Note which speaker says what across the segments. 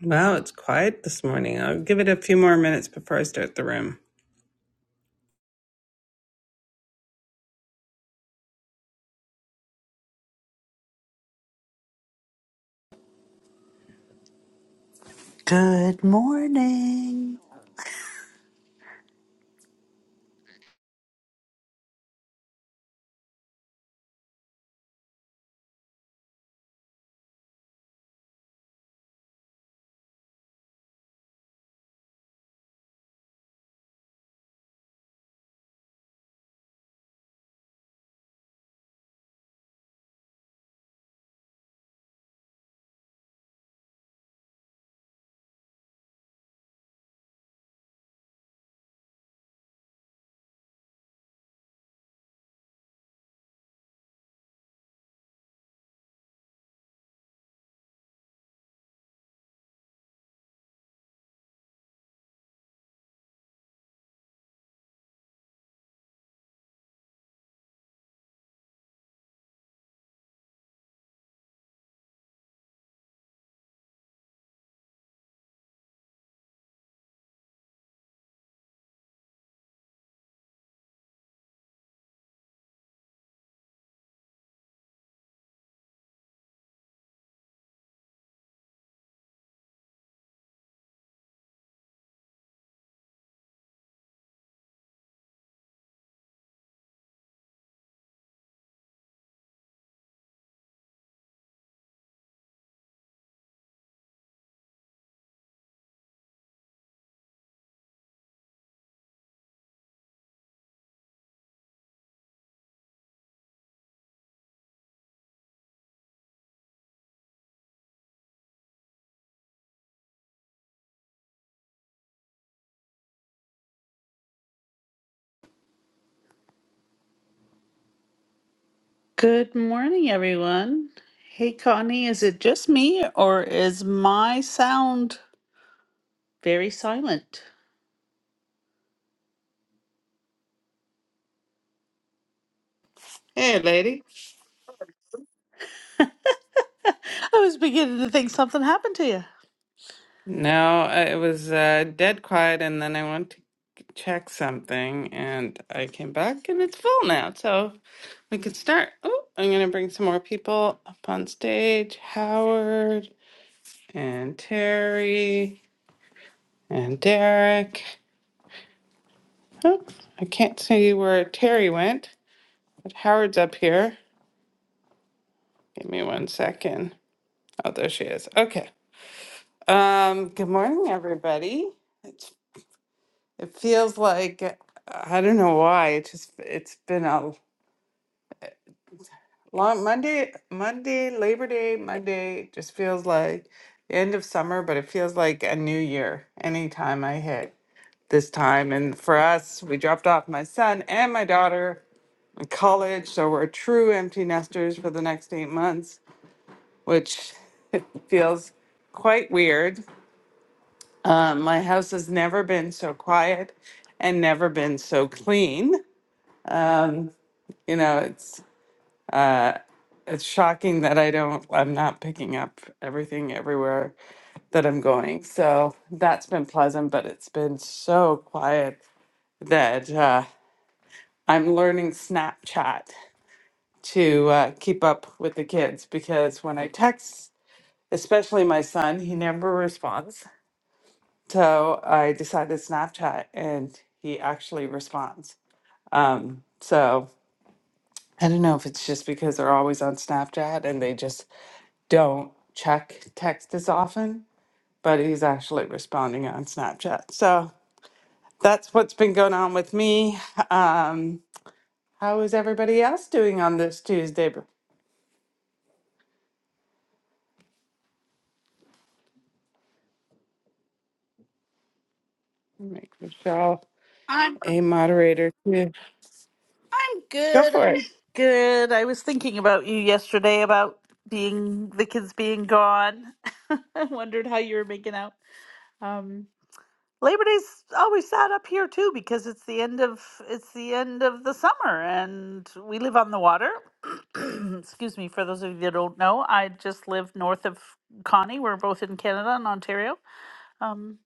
Speaker 1: Wow, it's quiet this morning. I'll give it a few more minutes before I start the room.
Speaker 2: Good morning. Good morning, everyone. Hey, Connie, is it just me or is my sound very silent?
Speaker 1: Hey, lady.
Speaker 2: I was beginning to think something happened to you.
Speaker 1: No, I- it was uh, dead quiet, and then I went to check something, and I came back, and it's full now. So we could start. Oh, I'm gonna bring some more people up on stage. Howard and Terry and Derek. Oh, I can't see where Terry went, but Howard's up here. Give me one second. Oh, there she is. Okay. Um, good morning, everybody. It, it feels like I don't know why. It just it's been a long Monday, Monday, Labor Day, Monday. It just feels like the end of summer, but it feels like a new year anytime I hit this time. And for us, we dropped off my son and my daughter in college, so we're true empty nesters for the next eight months, which feels quite weird Um, my house has never been so quiet and never been so clean. You know, it's it's shocking that I don't I'm not picking up everything everywhere that I'm going. So that's been pleasant, but it's been so quiet that uh, I'm learning Snapchat to uh, keep up with the kids because when I text, especially my son, he never responds. So I decided Snapchat and he actually responds. Um, so I don't know if it's just because they're always on Snapchat and they just don't check text as often, but he's actually responding on Snapchat. So that's what's been going on with me. Um, how is everybody else doing on this Tuesday? Make Michelle
Speaker 2: I'm
Speaker 1: a moderator too.
Speaker 2: I'm
Speaker 1: Go
Speaker 2: good.
Speaker 1: for it.
Speaker 2: I'm Good. I was thinking about you yesterday about being the kids being gone. I wondered how you were making out. Um. Labor Day's always sad up here too because it's the end of it's the end of the summer and we live on the water. Excuse me, for those of you that don't know, I just live north of Connie. We're both in Canada and Ontario. Um,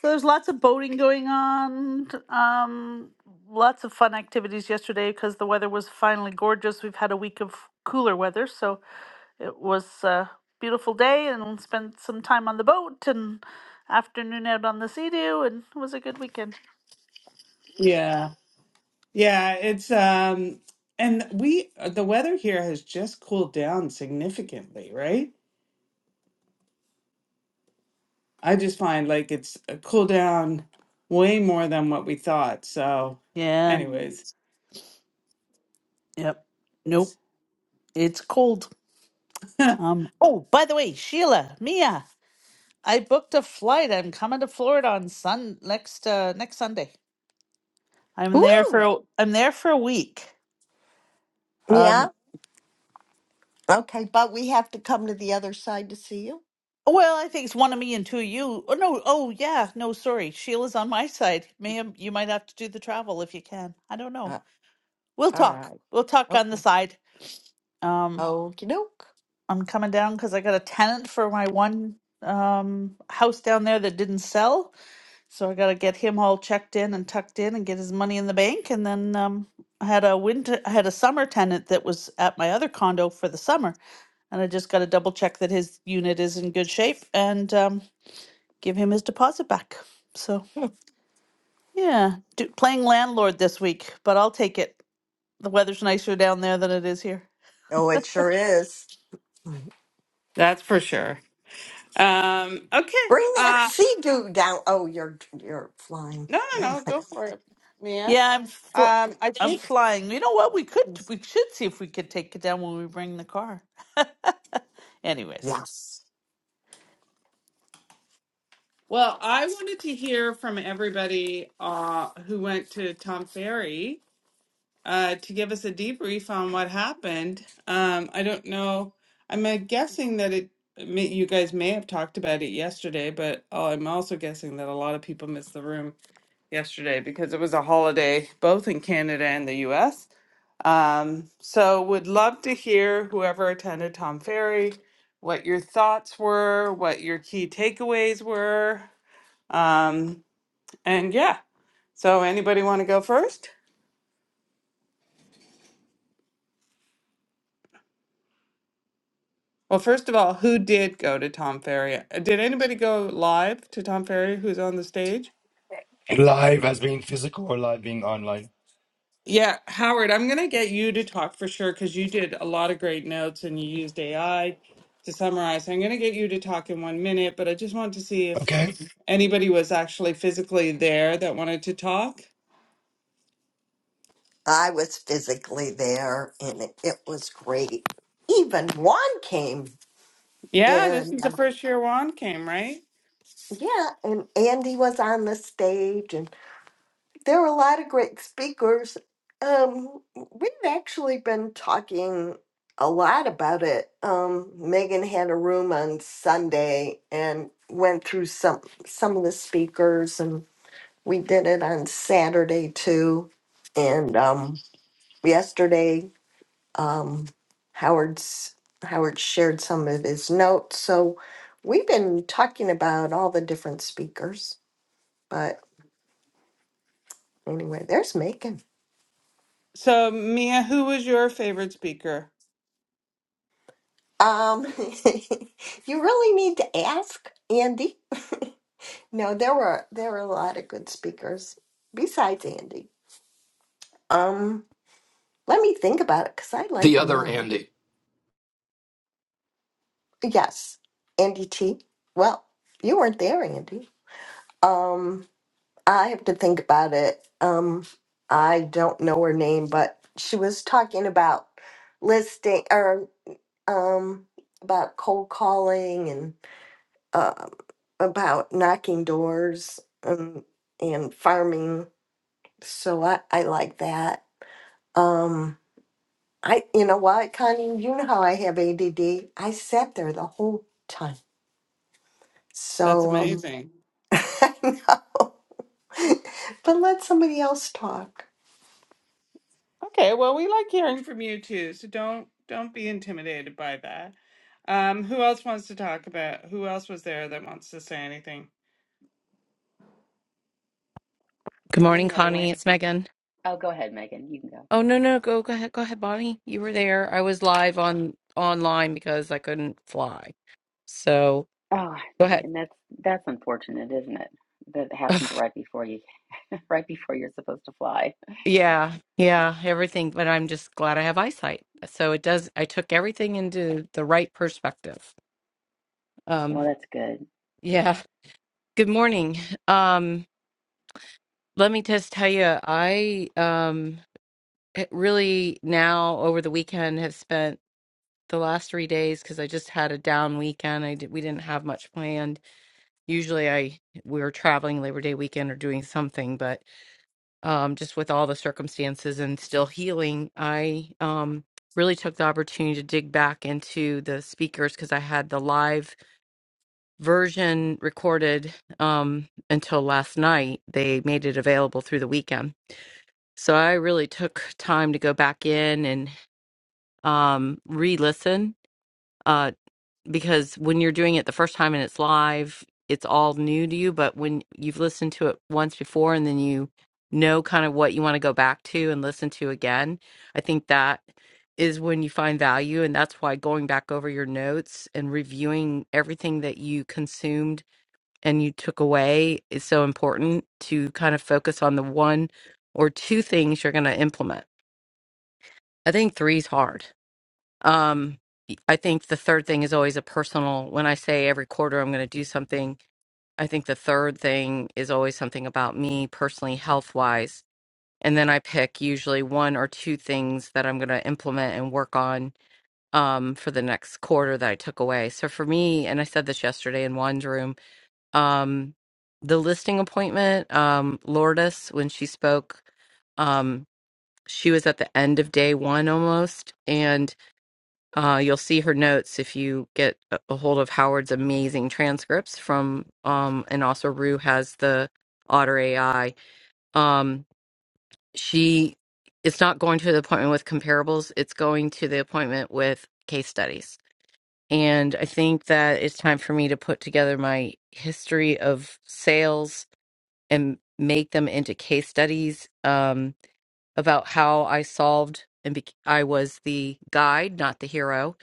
Speaker 2: so there's lots of boating going on. Um, lots of fun activities yesterday because the weather was finally gorgeous. We've had a week of cooler weather, so it was a beautiful day and spent some time on the boat and afternoon out on the sea dew and it was a good weekend.
Speaker 1: Yeah. Yeah, it's um and we the weather here has just cooled down significantly, right? I just find like it's a cool down way more than what we thought. So,
Speaker 2: Yeah.
Speaker 1: anyways,
Speaker 2: Yep. Nope.
Speaker 1: it's,
Speaker 2: It's cold. Um. Oh, by the way, Sheila, Mia, I booked a flight. I'm coming to Florida on Sun next uh, next Sunday. I'm there for
Speaker 3: Woo!
Speaker 2: a- I'm there for a week.
Speaker 3: Yeah.
Speaker 2: Um.
Speaker 3: Okay, but we have to come to the other side to see you.
Speaker 2: Well, I think it's one of me and two of you. Oh no. Oh yeah. No, sorry. Sheila's on my side. Ma'am, you might have to do the travel if you can. I don't know.
Speaker 3: Uh,
Speaker 2: we'll
Speaker 3: all
Speaker 2: talk.
Speaker 3: right.
Speaker 2: We'll talk on the
Speaker 3: Okay.
Speaker 2: side. Um,
Speaker 3: Okie doke.
Speaker 2: I'm coming down because I got a tenant for my one um house down there that didn't sell, so I got to get him all checked in and tucked in and get his money in the bank. And then um, I had a winter, I had a summer tenant that was at my other condo for the summer, and I just got to double check that his unit is in good shape and um, give him his deposit back. So yeah, do, playing landlord this week, but I'll take it. The weather's nicer down there than it is here.
Speaker 3: Oh, it sure is.
Speaker 1: that's for sure. Um, okay.
Speaker 3: Bring that
Speaker 1: Uh,
Speaker 3: sea doo down. Oh, you're you're flying.
Speaker 1: no, no,
Speaker 3: Never
Speaker 1: no.
Speaker 3: mind.
Speaker 1: Go for it, Mia.
Speaker 2: Yeah, I'm fl-
Speaker 1: Um, I
Speaker 2: I'm
Speaker 1: think.
Speaker 2: flying. You know what? We could we should see if we could take it down when we bring the car. Anyways.
Speaker 3: Yes,
Speaker 1: Well, I wanted to hear from everybody uh, who went to Tom Ferry uh, to give us a debrief on what happened. Um, I don't know. I'm uh, guessing that it, may, you guys may have talked about it yesterday, but uh, I'm also guessing that a lot of people missed the room yesterday because it was a holiday both in Canada and the US. Um, so would love to hear whoever attended Tom Ferry, what your thoughts were, what your key takeaways were. Um, and yeah, so anybody want to go first? Well, first of all, who did go to Tom Ferry? Uh, Did anybody go live to Tom Ferry who's on the stage?
Speaker 4: live as being physical or live being online.
Speaker 1: Yeah, Howard, I'm going to get you to talk for sure because you did a lot of great notes and you used AI to summarize. I'm going to get you to talk in one minute, but I just wanted to see if
Speaker 4: Okay,
Speaker 1: anybody was actually physically there that wanted to talk.
Speaker 3: I was physically there, and it, it was great. Even Juan came,
Speaker 1: Yeah, this
Speaker 3: and
Speaker 1: is the
Speaker 3: uh,
Speaker 1: first year Juan came, right?
Speaker 3: yeah, and Andy was on the stage, and there were a lot of great speakers. Um, we've actually been talking a lot about it. Um, Megan had a room on Sunday and went through some some of the speakers, and we did it on Saturday too. And um, yesterday, um, Howard's Howard shared some of his notes. So we've been talking about all the different speakers. But anyway, there's Megan.
Speaker 1: So, Mia, who was your favorite speaker?
Speaker 3: Um, you really need to ask Andy. No, there were there were a lot of good speakers besides Andy. Um, let me think about it because I liked
Speaker 5: the
Speaker 3: them
Speaker 5: other
Speaker 3: all.
Speaker 5: Andy.
Speaker 3: Yes, Andy T. Well, you weren't there, Andy. Um, I have to think about it. Um, I don't know her name, but she was talking about listing or um about cold calling and. um, about knocking doors and and farming. So I, I like that. Um, I you know what, Connie, you know how I have ADD. I sat there the whole time.
Speaker 1: That's
Speaker 3: So um,
Speaker 1: amazing.
Speaker 3: I know, but let somebody else talk.
Speaker 1: Okay, well, we like hearing from you too, so don't don't be intimidated by that. Um, who else wants to talk about? Who else was there that wants to say anything?
Speaker 6: Good
Speaker 7: Good
Speaker 6: morning,
Speaker 7: morning,
Speaker 6: Connie.
Speaker 7: everyone.
Speaker 6: It's Megan.
Speaker 7: Oh, go ahead, Megan. You can go.
Speaker 6: Oh no, no, go go ahead, go ahead, Bonnie. You were there. I was live on online because I couldn't fly. So
Speaker 7: Oh,
Speaker 6: go ahead.
Speaker 7: and that's that's unfortunate, isn't it? That
Speaker 6: Ugh,
Speaker 7: happened right before you, right before you're supposed to fly.
Speaker 6: yeah, yeah, everything. But I'm just glad I have eyesight. So it does. I took everything into the right perspective.
Speaker 7: Well,
Speaker 6: Um,
Speaker 7: that's good.
Speaker 6: yeah. Good morning. Um, let me just tell you, I um it really now over the weekend have spent the last three days because I just had a down weekend. I did, we didn't have much planned usually I we were traveling Labor Day weekend or doing something, but um, just with all the circumstances and still healing, I um, really took the opportunity to dig back into the speakers because I had the live version recorded um, until last night. They made it available through the weekend, so I really took time to go back in and um, re-listen. uh, because when you're doing it the first time and it's live, it's all new to you. But when you've listened to it once before and then you know kind of what you want to go back to and listen to again, I think that is when you find value. And that's why going back over your notes and reviewing everything that you consumed and you took away is so important to kind of focus on the one or two things you're going to implement. I think three is hard um, I think the third thing is always a personal. When I say every quarter I'm going to do something, I think the third thing is always something about me personally, health wise. And then I pick usually one or two things that I'm going to implement and work on um, for the next quarter that I took away. So for me, and I said this yesterday in Juan's room, um, the listing appointment, um, Lourdes, when she spoke, um, she was at the end of day one almost. And uh, you'll see her notes if you get a a hold of Howard's amazing transcripts from, um, and also Rue has the Otter AI. Um, she, it's not going to the appointment with comparables; it's going to the appointment with case studies. And I think that it's time for me to put together my history of sales and make them into case studies. Um, about how I solved and bec I was the guide, not the hero,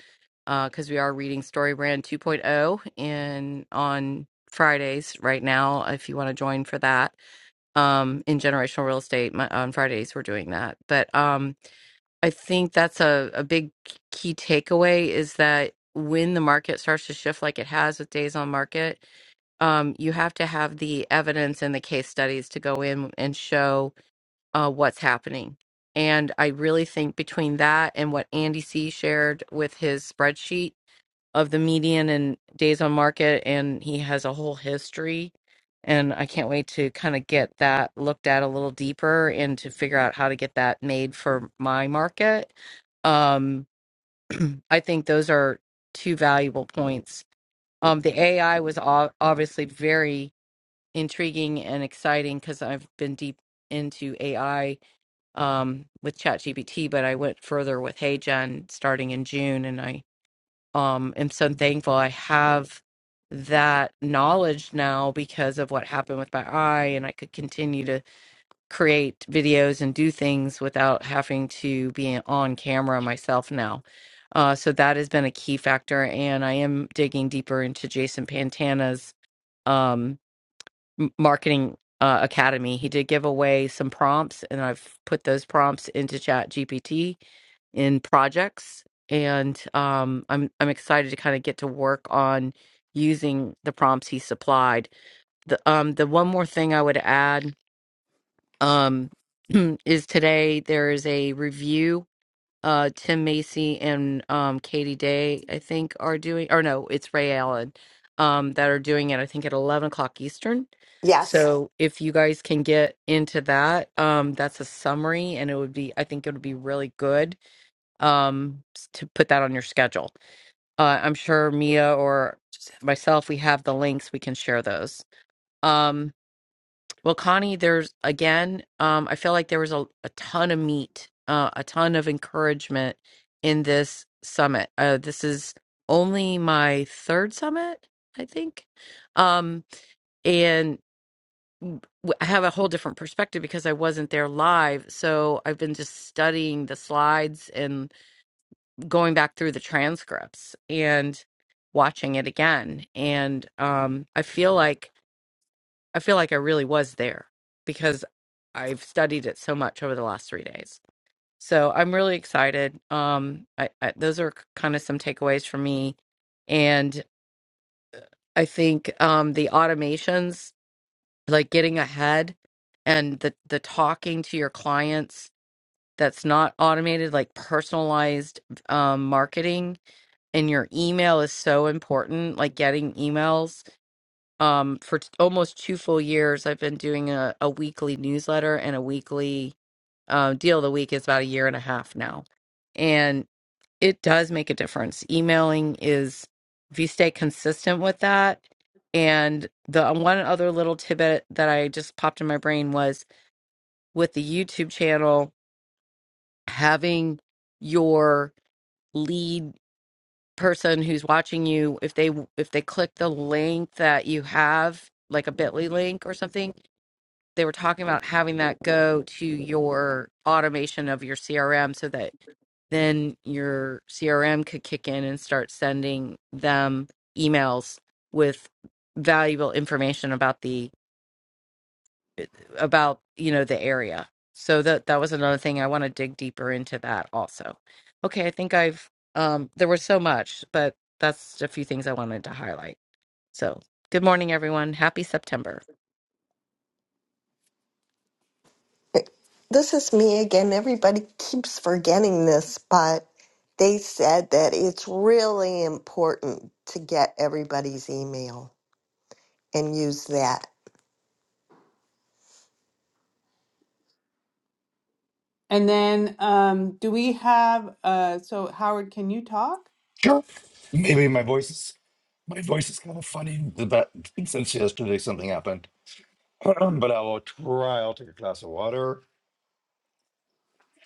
Speaker 6: because we are reading Storybrand 2.0 in on Fridays right now. If you want to join for that, um, in generational real estate my, on Fridays we're doing that. But um, I think that's a a big key takeaway is that when the market starts to shift like it has with days on market um, you have to have the evidence and the case studies to go in and show uh, what's happening. And I really think between that and what Andy C shared with his spreadsheet of the median and days on market, and he has a whole history. And I can't wait to kind of get that looked at a little deeper and to figure out how to get that made for my market. Um, I think those are two valuable points. Um, the AI was ob- obviously very intriguing and exciting because I've been deep into AI um, with ChatGPT, but I went further with HeyGen starting in June, and I um, am so thankful I have that knowledge now because of what happened with my eye, and I could continue to create videos and do things without having to be on camera myself now. Uh, so that has been a key factor, and I am digging deeper into Jason Pantana's. um, m- marketing uh, academy he did give away some prompts and i've put those prompts into chat gpt in projects and um, i'm i'm excited to kind of get to work on using the prompts he supplied the um the one more thing i would add um is today there is a review uh Tim Macy and um Katie Day, I think, are doing or no, it's Ray Allen um that are doing it, I think at eleven o'clock Eastern.
Speaker 3: Yes,
Speaker 6: So if you guys can get into that, um that's a summary and it would be I think it would be really good um s- to put that on your schedule. Uh I'm sure Mia or myself we have the links, we can share those. Um, well, Connie, there's again, um, I feel like there was a, a ton of meat, uh, a ton of encouragement in this summit. Uh, this is only my third summit, I think. Um, and w- I have a whole different perspective because I wasn't there live. So I've been just studying the slides and going back through the transcripts and watching it again. And um, I feel like I feel like I really was there because I've studied it so much over the last three days. So I'm really excited. Um, I, I, those are kind of some takeaways for me, and I think um, the automations, like getting ahead, and the the talking to your clients that's not automated, like personalized um, marketing in your email is so important. Like getting emails um for t- almost two full years i've been doing a, a weekly newsletter and a weekly uh, deal of the week It's about a year and a half now and it does make a difference emailing is if you stay consistent with that and the uh, one other little tidbit that i just popped in my brain was with the youtube channel having your lead person who's watching you if they if they click the link that you have like a bitly link or something they were talking about having that go to your automation of your CRM so that then your CRM could kick in and start sending them emails with valuable information about the about you know the area. So that that was another thing I want to dig deeper into that also. Okay, I think I've um there was so much, but that's a few things I wanted to highlight. So, good morning everyone. Happy September.
Speaker 3: this is me again. Everybody keeps forgetting this, but they said that it's really important to get everybody's email and use that.
Speaker 1: And then, um, do we have, uh, so Howard, can you talk?
Speaker 4: sure. Maybe my voice is my voice is kind of funny, but since yesterday something happened. but I will try. I'll take a glass of water,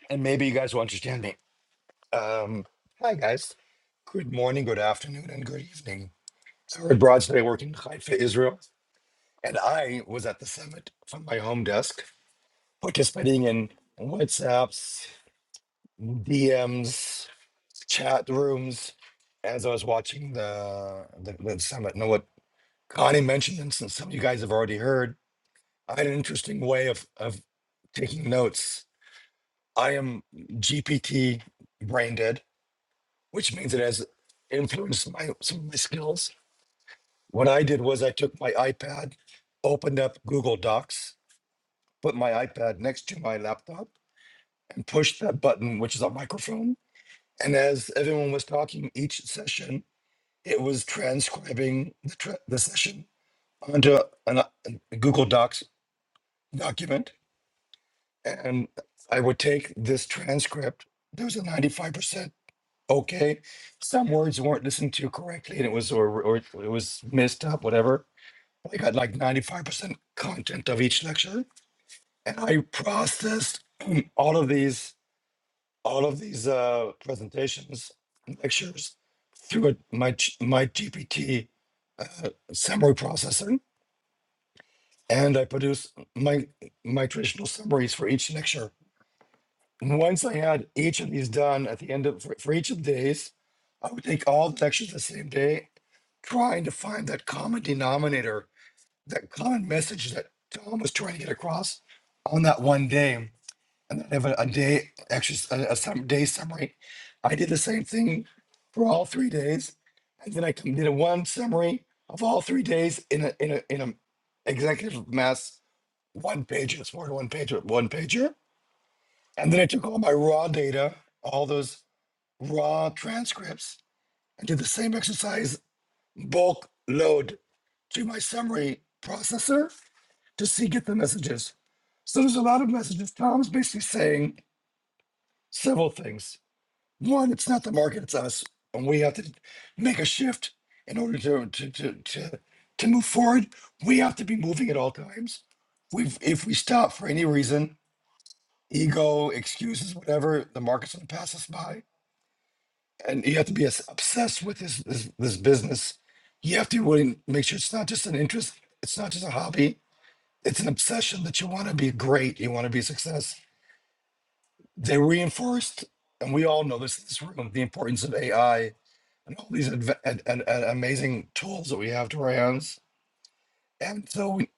Speaker 4: and maybe you guys will understand me. Um, hi guys. Good morning, good afternoon, and good evening. Sorry, Broad today working in Haifa, Israel, and I was at the summit from my home desk, participating in WhatsApps, DMs. chat rooms as I was watching the the, the summit. Now, what Connie mentioned, and since some of you guys have already heard, I had an interesting way of of taking notes. I am GPT brain dead, which means it has influenced my some of my skills. What I did was I took my iPad, opened up Google Docs, put my iPad next to my laptop, and pushed that button, which is a microphone. And as everyone was talking, each session It was transcribing the, tra- the session onto an, a Google Docs document, and I would take this transcript. There was a ninety-five percent okay. Some words weren't listened to correctly, and it was or, or it was messed up, whatever. I got like ninety-five percent content of each lecture, and I processed all of these all of these uh, presentations lectures through a, my G- my GPT uh, summary processor and I produce my my traditional summaries for each lecture. And once I had each of these done at the end of for, for each of the days, I would take all the lectures the same day, trying to find that common denominator, that common message that Tom was trying to get across on that one day, and then have a, a day exercise, a, a sum, day summary. I did the same thing for all three days, and then I did a one summary of all three days in a in a in a executive mass one pager. it's more than one pager, one pager. And then I took all my raw data, all those raw transcripts, and did the same exercise bulk load to my summary processor to see get the messages. So there's a lot of messages. Tom's basically saying several things. One, it's not the market, it's us. And we have to make a shift in order to to to to, to move forward. We have to be moving at all times. We've if we stop for any reason, ego, excuses, whatever. The market's going to pass us by, and you have to be as obsessed with this this, this business. You have to be willing to make sure it's not just an interest, it's not just a hobby. It's an obsession that you want to be great, you want to be a success. They reinforced, and we all know this in this room, the importance of AI and all these adv- and, and, and amazing tools that we have to our hands. And so, we,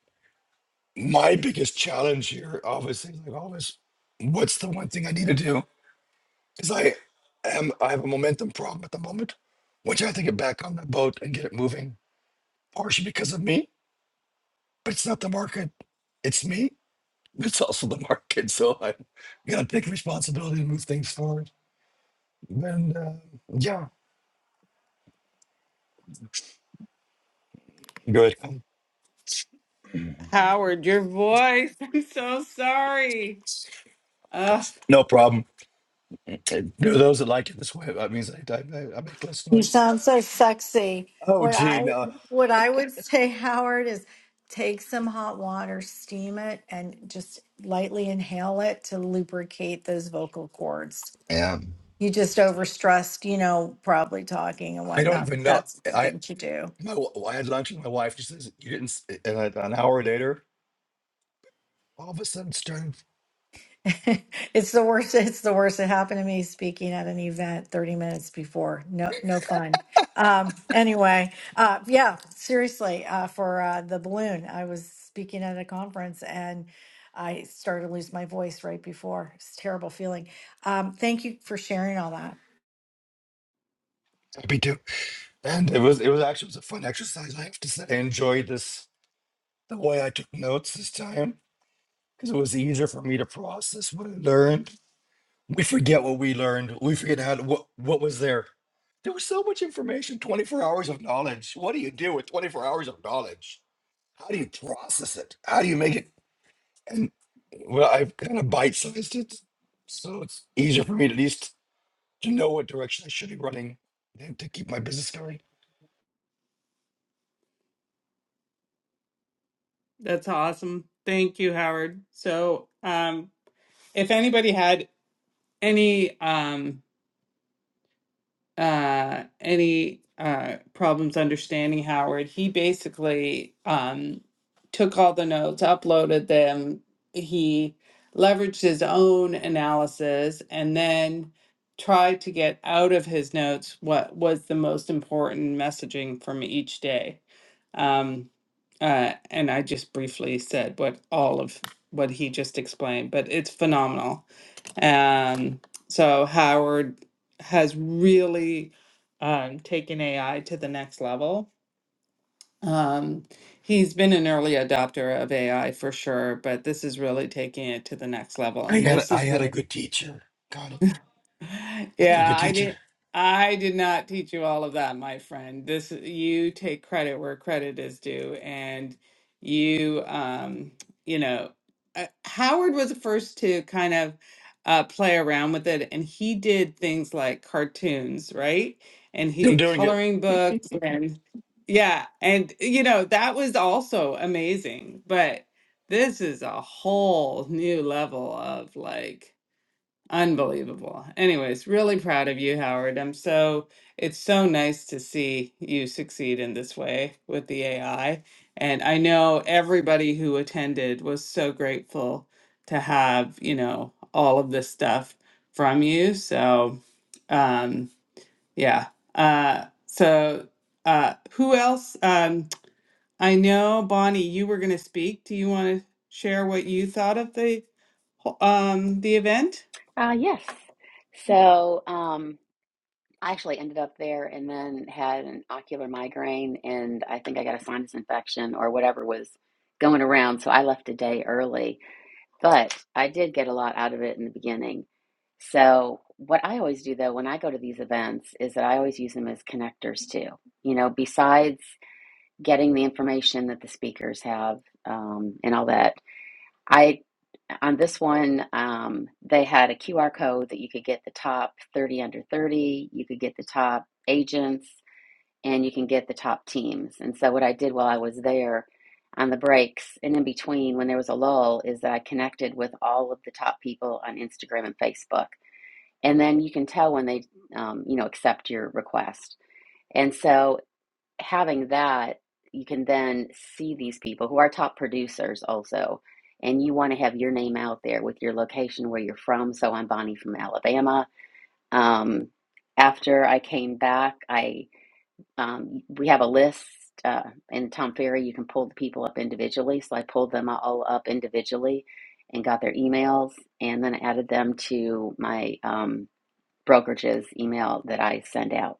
Speaker 4: my biggest challenge here, obviously, like always, what's the one thing I need to do? because I am I have a momentum problem at the moment, which I have to get back on the boat and get it moving, partially because of me, but it's not the market, it's me. but It's also the market, so I gotta take responsibility to move things forward. And uh, yeah, good, um,
Speaker 1: Howard, your voice. I'm so sorry. Ugh,
Speaker 4: no problem. And There are those that like it this way. That means I, I, I I make less
Speaker 8: You
Speaker 4: noise.
Speaker 8: sound so sexy.
Speaker 4: Oh,
Speaker 8: What
Speaker 4: gee,
Speaker 8: I
Speaker 4: no,
Speaker 8: what I would say, Howard, is take some hot water, steam it, and just lightly inhale it to lubricate those vocal cords.
Speaker 4: yeah,
Speaker 8: You just overstressed, you know, probably talking and
Speaker 4: I don't
Speaker 8: whatnot, but
Speaker 4: even know.
Speaker 8: that's a good
Speaker 4: I
Speaker 8: thing to do.
Speaker 4: my, w- I had lunch with my wife. She says you didn't, s-" and I, an hour later, all of a sudden, starting.
Speaker 8: It's the worst. It's the worst. It happened to me speaking at an event 30 minutes before. No, no fun. Um, anyway, uh, yeah, seriously, uh, for uh, the balloon, I was speaking at a conference and I started to lose my voice right before. It's a terrible feeling. Um, thank you for sharing all that.
Speaker 4: And it was it was actually it was a fun exercise. I have to say, I enjoyed this the way I took notes this time because it was easier for me to process what I learned. We forget what we learned. We forget how to, what what was there. There was so much information, 24 hours of knowledge. What do you do with 24 hours of knowledge? How do you process it? How do you make it? And well, I've kind of bite-sized it, so it's easier for me to at least to know what direction I should be running and to keep my business going.
Speaker 1: that's awesome. Thank you, Howard. So, um, if anybody had any um uh, any uh, problems understanding Howard, he basically um, took all the notes, uploaded them. He leveraged his own analysis and then tried to get out of his notes what was the most important messaging from each day. Um, uh, and I just briefly said what all of what he just explained, but it's phenomenal. Um, so Howard has really um, taken AI to the next level. Um, he's been an early adopter of AI for sure, but this is really taking it to the next level.
Speaker 4: I
Speaker 1: And
Speaker 4: had
Speaker 1: this
Speaker 4: a- I
Speaker 1: is
Speaker 4: had a
Speaker 1: where
Speaker 4: good teacher. God, I had a
Speaker 1: yeah,
Speaker 4: good
Speaker 1: I
Speaker 4: teacher.
Speaker 1: did. I did not teach you all of that, my friend. This you take credit where credit is due, and you, um, you know, uh, Howard was the first to kind of uh, play around with it, and he did things like cartoons, right? And he
Speaker 4: Still
Speaker 1: did
Speaker 4: doing it.
Speaker 1: coloring books, and yeah, and you know that was also amazing. But this is a whole new level of like. Unbelievable. Anyways, really proud of you, Howard. I'm so, it's so nice to see you succeed in this way with the AI. And I know everybody who attended was so grateful to have, you know, all of this stuff from you. So, um, yeah. Uh, so, uh, who else? Um, I know, Bonnie, you were going to speak. Do you want to share what you thought of the, whole- um, the event?
Speaker 7: Uh, yes. So, um, I actually ended up there and then had an ocular migraine, and I think I got a sinus infection or whatever was going around. So I left a day early. But I did get a lot out of it in the beginning. So, what I always do though when I go to these events is that I always use them as connectors too. You know, besides getting the information that the speakers have um, and all that, I on this one um, they had a QR code that you could get the top thirty under thirty. You could get the top agents and you can get the top teams. And so what I did while I was there on the breaks and in between when there was a lull is that I connected with all of the top people on Instagram and Facebook. And then you can tell when they, um, you know, accept your request. And so having that, you can then see these people who are top producers also. And you want to have your name out there with your location, where you're from. So I'm Bonnie from Alabama. Um, after I came back, I um, we have a list uh, in Tom Ferry. You can pull the people up individually. So I pulled them all up individually and got their emails, and then added them to my um, brokerage's email that I send out.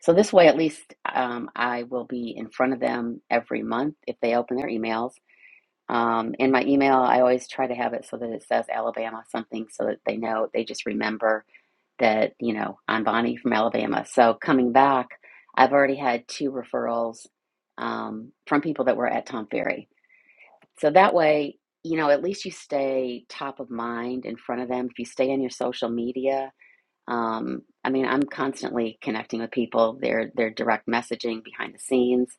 Speaker 7: So this way, at least um, I will be in front of them every month if they open their emails. Um, in my email, I always try to have it so that it says Alabama something so that they know, they just remember that, you know, I'm Bonnie from Alabama. So coming back, I've already had two referrals um, from people that were at Tom Ferry. So that way, you know, at least you stay top of mind in front of them. If you stay on your social media, um, I mean, I'm constantly connecting with people. They're they're direct messaging behind the scenes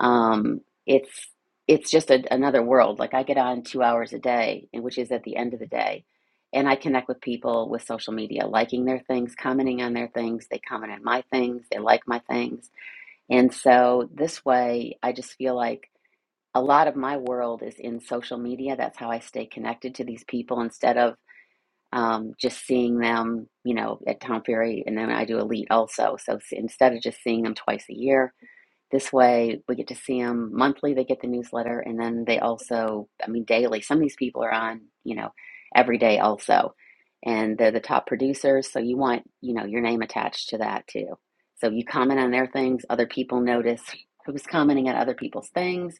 Speaker 7: um, it's it's just a, another world. Like I get on two hours a day, and which is at the end of the day, and I connect with people with social media, liking their things, commenting on their things. They comment on my things, they like my things, and so this way, I just feel like a lot of my world is in social media. That's how I stay connected to these people instead of um, just seeing them, you know, at town Ferry, and then I do Elite also. So s- instead of just seeing them twice a year, this way, we get to see them monthly. They get the newsletter, and then they also, I mean, daily. Some of these people are on, you know, every day also, and they're the top producers. So you want, you know, your name attached to that too. So you comment on their things. Other people notice who's commenting on other people's things.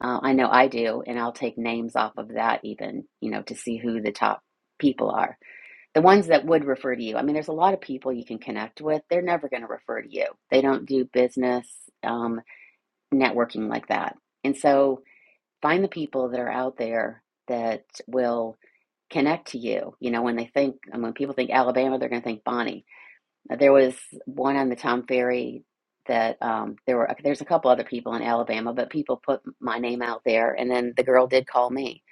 Speaker 7: Uh, I know I do, and I'll take names off of that even, you know, to see who the top people are. The ones that would refer to you. I mean, there's a lot of people you can connect with. They're never going to refer to you. They don't do business. Um, networking like that. And so find the people that are out there that will connect to you. You know, when they think, and when people think Alabama, they're going to think Bonnie. Uh, There was one on the Tom Ferry that um, there were, there's a couple other people in Alabama, but people put my name out there and then the girl did call me.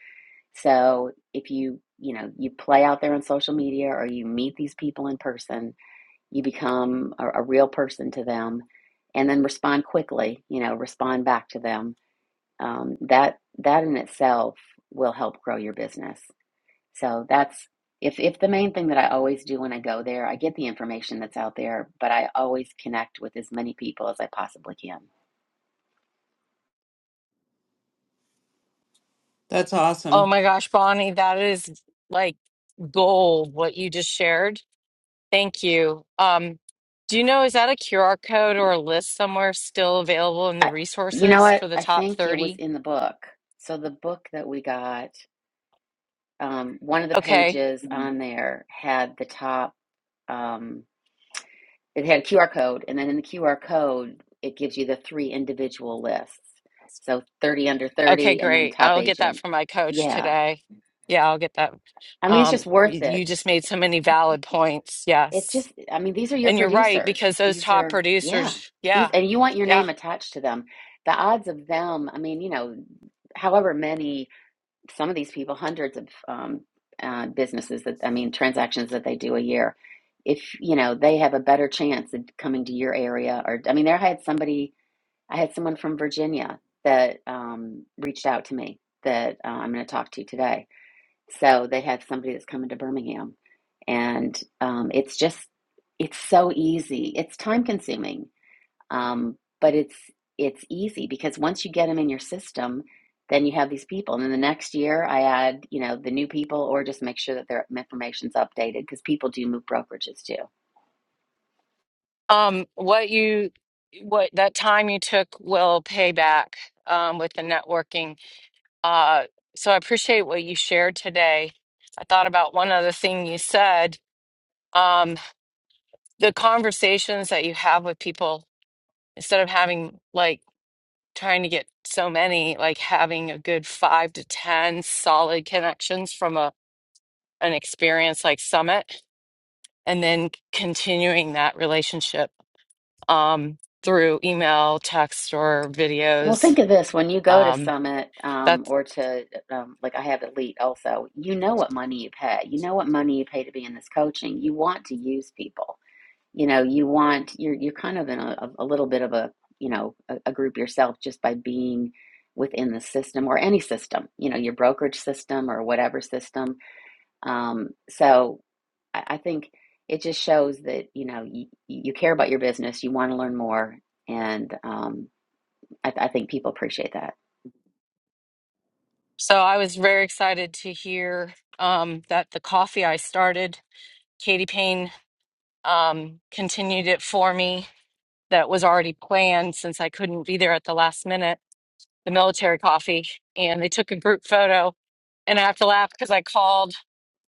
Speaker 7: So if you, you know, you play out there on social media or you meet these people in person, you become a, a real person to them and then respond quickly, you know, respond back to them um, that that in itself will help grow your business. So that's if if the main thing that I always do when I go there, I get the information that's out there, but I always connect with as many people as I possibly can.
Speaker 1: That's
Speaker 6: Oh
Speaker 1: awesome.
Speaker 6: my gosh, Bonnie, that is like gold what you just shared. Thank you. Um, do you know, is that a QR code or a list somewhere still available in the
Speaker 7: I, you know
Speaker 6: resources for
Speaker 7: what?
Speaker 6: the
Speaker 7: I
Speaker 6: top
Speaker 7: think it was
Speaker 6: 30?
Speaker 7: in the book. So the book that we got, um, one of the
Speaker 6: Okay.
Speaker 7: pages on there had the top. Um, it had a QR code, and then in the QR code, it gives you the three individual lists. So 30 under
Speaker 6: Okay,
Speaker 7: 30, and then
Speaker 6: great.
Speaker 7: top
Speaker 6: I'll get that
Speaker 7: agent.
Speaker 6: from my coach
Speaker 7: Yeah.
Speaker 6: today. Yeah, I'll get that.
Speaker 7: I mean, it's
Speaker 6: Um,
Speaker 7: just worth
Speaker 6: y- you
Speaker 7: it.
Speaker 6: just made so many
Speaker 7: It's,
Speaker 6: valid points.
Speaker 7: it's
Speaker 6: Yes.
Speaker 7: just, I mean, these are your
Speaker 6: And you're right,
Speaker 7: producers.
Speaker 6: because those
Speaker 7: These
Speaker 6: top
Speaker 7: are, yeah.
Speaker 6: producers,
Speaker 7: These,
Speaker 6: yeah,
Speaker 7: and you want your
Speaker 6: yeah.
Speaker 7: name attached to them. The odds of them, I mean, you know, however many, some of these people, hundreds of um, uh, businesses that, I mean, transactions that they do a year. If, you know, they have a better chance of coming to your area, or, I mean, there I had somebody. I had someone from Virginia that um, reached out to me that uh, I'm going to talk to today. So they have somebody that's coming to Birmingham, and um, it's just it's so easy. It's time consuming. Um, but it's it's easy because once you get them in your system, then you have these people. And then the next year, I add you know the new people, or just make sure that their information's updated because people do move brokerages too.
Speaker 6: Um, what you, what that time you took will pay back um, with the networking Uh, so I appreciate what you shared today. I thought about one other thing you said. Um, the conversations that you have with people, instead of having like trying to get so many, like having a good five to 10 solid connections from a, an experience like Summit, and then continuing that relationship um, through email, text, or
Speaker 7: Well,
Speaker 6: videos.
Speaker 7: think of this when you go to
Speaker 6: Um,
Speaker 7: Summit um, or to, um, like I have Elite also, you know what money you pay. You know what money you pay to be in this coaching. You want to use people. you know you want you're you're kind of in a, a little bit of a you know a, a group yourself just by being within the system or any system you know your brokerage system or whatever system um, so I, I think it just shows that you know you, you care about your business you want to learn more and um, I, I think people appreciate that
Speaker 6: So I was very excited to hear um, that the coffee I started, Katie Payne um, continued it for me. That was already planned since I couldn't be there at the last minute, the military coffee. And they took a group photo. And I have to laugh because I called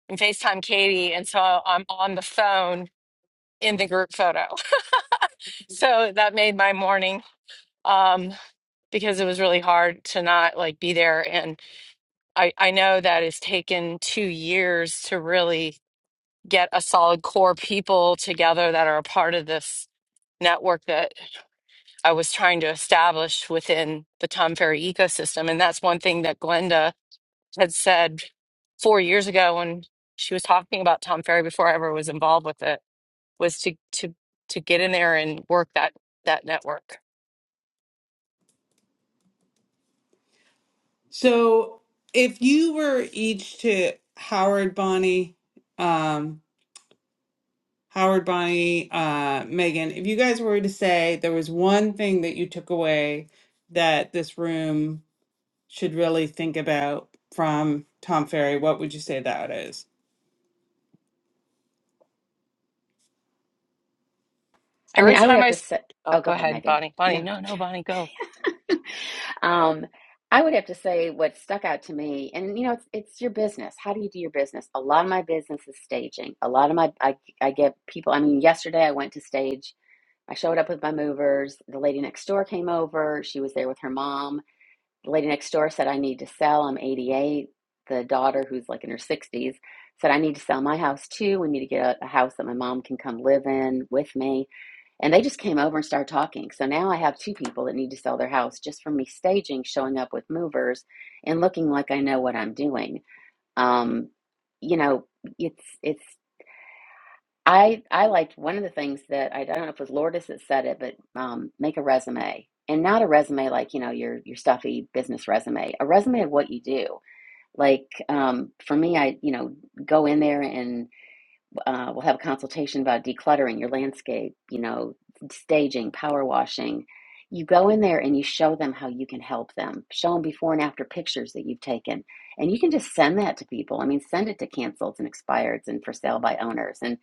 Speaker 6: and FaceTime Katie. And so I'm on the phone in the group photo. So that made my morning. Um, because it was really hard to not like be there and. I, I know that it's taken two years to really get a solid core people together that are a part of this network that I was trying to establish within the Tom Ferry ecosystem. And that's one thing that Glenda had said four years ago when she was talking about Tom Ferry before I ever was involved with it, was to to to get in there and work that that network.
Speaker 1: So, if you were each to Howard, Bonnie, um, Howard, Bonnie, uh, Megan, if you guys were to say there was one thing that you took away that this room should really think about from Tom Ferry, what would you say that is?
Speaker 7: i
Speaker 6: Every
Speaker 7: mean i would
Speaker 6: time I
Speaker 7: have to
Speaker 6: s-
Speaker 7: say
Speaker 6: oh
Speaker 7: oh go
Speaker 6: go
Speaker 7: ahead
Speaker 6: ahead,
Speaker 7: megan
Speaker 6: Bonnie.
Speaker 7: no
Speaker 6: Bonnie, no, no, Bonnie, go.
Speaker 7: Um, I would have to say what stuck out to me, and you know, it's it's your business. How do you do your business? A lot of my business is staging. A lot of my I I get people. I mean, yesterday I went to stage. I showed up with my movers. The lady next door came over. She was there with her mom. The lady next door said, "I need to sell. I'm 88." The daughter, who's like in her 60s, said, "I need to sell my house too. We need to get a, a house that my mom can come live in with me." And they just came over and started talking. So now I have two people that need to sell their house just from me staging, showing up with movers, and looking like I know what I'm doing. Um, you know, it's it's I I liked one of the things that I, I don't know if it was Lourdes that said it, but um, make a resume and not a resume like you know your your stuffy business resume, a resume of what you do. Like um, for me, I you know go in there and uh, we'll have a consultation about decluttering your landscape, you know, staging, power washing. You go in there and you show them how you can help them. Show them before and after pictures that you've taken. And you can just send that to people. I mean, send it to canceleds and expireds and for sale by owners. And,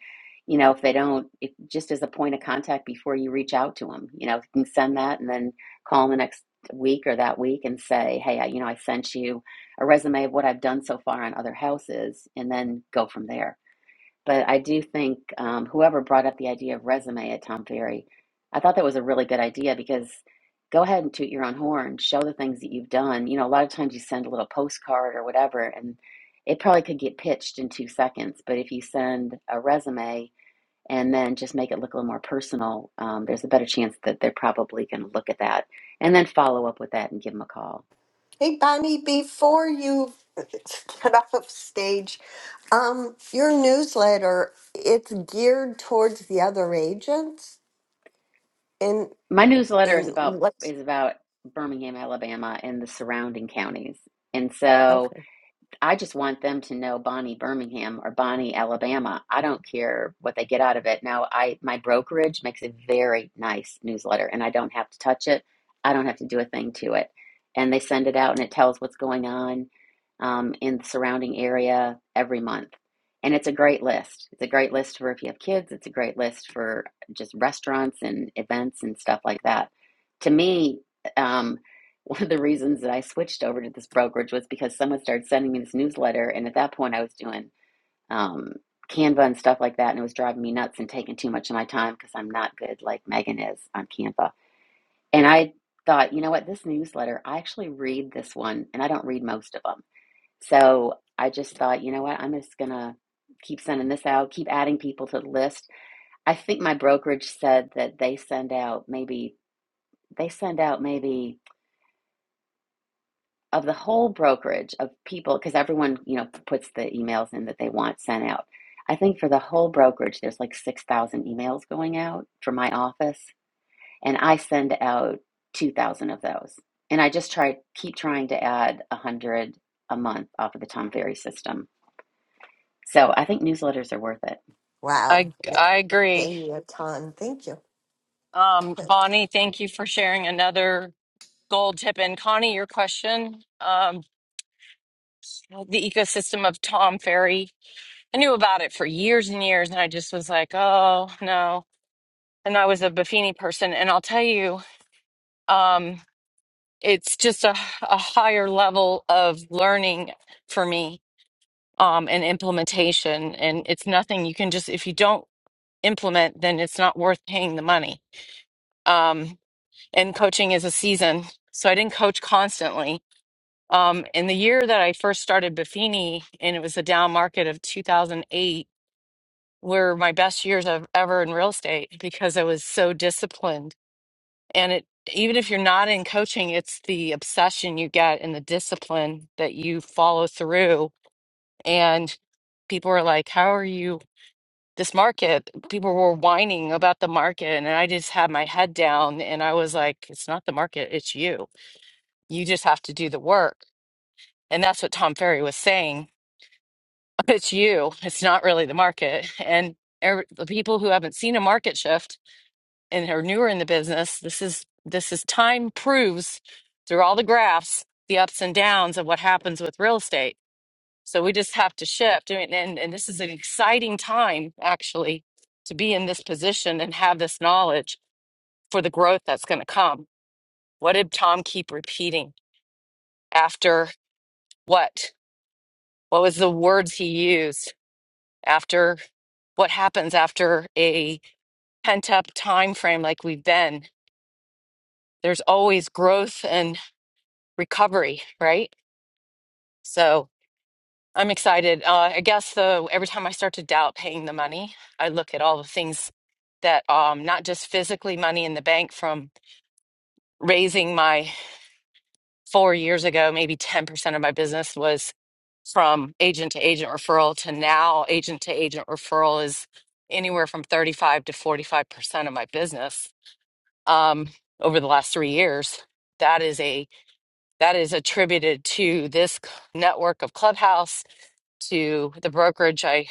Speaker 7: you know, if they don't, if, just as a point of contact before you reach out to them, you know, you can send that and then call them the next week or that week and say, hey, I, you know, I sent you a resume of what I've done so far on other houses and then go from there but I do think um, whoever brought up the idea of resume at Tom Ferry, I thought that was a really good idea because go ahead and toot your own horn, show the things that you've done. You know, a lot of times you send a little postcard or whatever, and it probably could get pitched in two seconds. But if you send a resume and then just make it look a little more personal, um, there's a better chance that they're probably going to look at that and then follow up with that and give them a call.
Speaker 3: Hey, Bonnie, before you get off stage, um, your newsletter, it's geared towards the other agents in
Speaker 7: My newsletter is
Speaker 3: in
Speaker 7: about
Speaker 3: what's
Speaker 7: is about Birmingham, Alabama, and the surrounding counties, and so.
Speaker 3: okay.
Speaker 7: I just want them to know Bonnie Birmingham or Bonnie Alabama. I don't care what they get out of it. Now, I my brokerage makes a very nice newsletter and I don't have to touch it. I don't have to do a thing to it. And they send it out and it tells what's going on um, in the surrounding area every month. And it's a great list. It's a great list for if you have kids, it's a great list for just restaurants and events and stuff like that. To me, um, one of the reasons that I switched over to this brokerage was because someone started sending me this newsletter, and at that point, I was doing um, Canva and stuff like that, and it was driving me nuts and taking too much of my time because I'm not good like Megan is on Canva. And I thought, you know what, this newsletter, I actually read this one, and I don't read most of them. So I just thought, you know what, I'm just gonna keep sending this out, keep adding people to the list. I think my brokerage said that they send out maybe they send out maybe. of the whole brokerage of people because everyone you know puts the emails in that they want sent out i think for the whole brokerage there's like 6000 emails going out for my office and i send out 2000 of those and i just try keep trying to add 100 a month off of the tom ferry system so i think newsletters are worth it
Speaker 3: Wow.
Speaker 6: I
Speaker 3: That
Speaker 6: I
Speaker 3: gave
Speaker 6: agree.
Speaker 3: me a ton. Thank you.
Speaker 6: Um, Bonnie, thank you for sharing another gold tip. And Connie, your question, um, the ecosystem of Tom Ferry. I knew about it for years and years, and I just was like, oh no. And I was a Buffini person, and I'll tell you, um, it's just a, a higher level of learning for me um, and implementation. And it's nothing you can just, if you don't implement, then it's not worth paying the money. Um, and coaching is a season. So I didn't coach constantly Um, in the year that I first started Buffini, and it was the down market of 2008, were my best years of ever in real estate because I was so disciplined. And it, even if you're not in coaching, it's the obsession you get and the discipline that you follow through. And people are like, "How are you?" This market, people were whining about the market, and I just had my head down, and I was like, "It's not the market; it's you. You just have to do the work." And that's what Tom Ferry was saying it's you. It's not really the market. And er- the people who haven't seen a market shift and are newer in the business, this is this is time proves through all the graphs the ups and downs of what happens with real estate. So we just have to shift. I mean, and and this is an exciting time actually to be in this position and have this knowledge for the growth that's going to come. What did Tom keep repeating after what? What was the words he used? after what happens after a pent up time frame like we've been there's always growth and recovery right so i'm excited uh, i guess the every time i start to doubt paying the money i look at all the things that um not just physically money in the bank from raising my four years ago maybe 10% of my business was from agent to agent referral to now agent to agent referral is anywhere from 35 to 45% of my business um, over the last three years. That is a that is attributed to this network of Clubhouse, to the brokerage I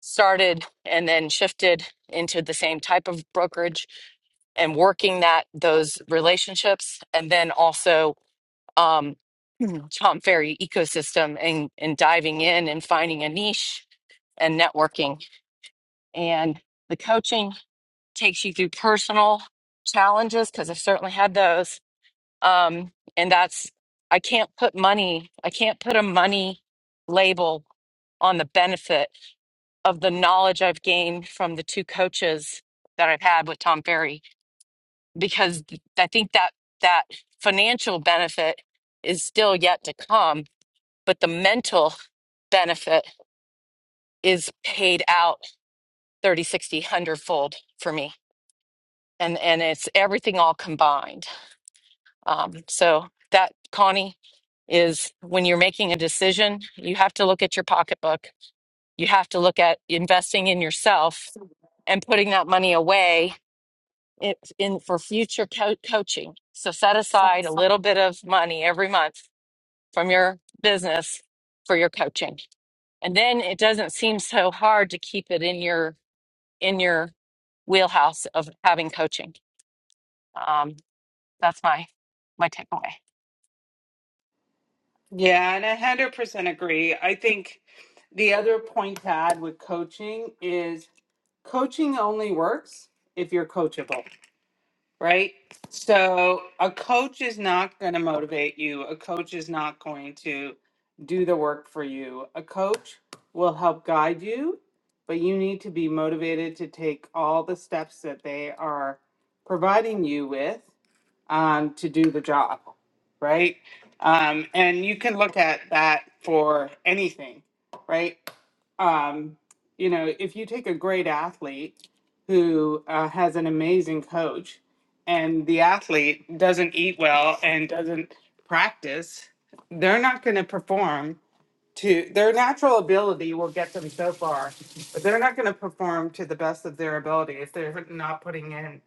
Speaker 6: started and then shifted into the same type of brokerage and working that those relationships, and then also um, Tom Ferry ecosystem and and diving in and finding a niche and networking and the coaching takes you through personal challenges because I've certainly had those um and that's i can't put money i can't put a money label on the benefit of the knowledge i've gained from the two coaches that i've had with tom ferry because th- i think that that financial benefit is still yet to come but the mental benefit is paid out 30 60 one hundred fold for me and and it's everything all combined Um, so that, Connie, is when you're making a decision, you have to look at your pocketbook. You have to look at investing in yourself and putting that money away it, in for future co- coaching. So set aside a little bit of money every month from your business for your coaching. And then it doesn't seem so hard to keep it in your in your wheelhouse of having coaching. Um, that's my my takeaway.
Speaker 1: Yeah, and I 100% agree. I think the other point to add with coaching is coaching only works if you're coachable. right? So a coach is not going to motivate you. A coach is not going to do the work for you. A coach will help guide you, but you need to be motivated to take all the steps that they are providing you with um, to do the job, right? Um, and you can look at that for anything, right? um, you know, if you take a great athlete who uh, has an amazing coach and the athlete doesn't eat well and doesn't practice, they're not going to perform to their natural ability will get them so far, but they're not going to perform to the best of their ability if they're not putting in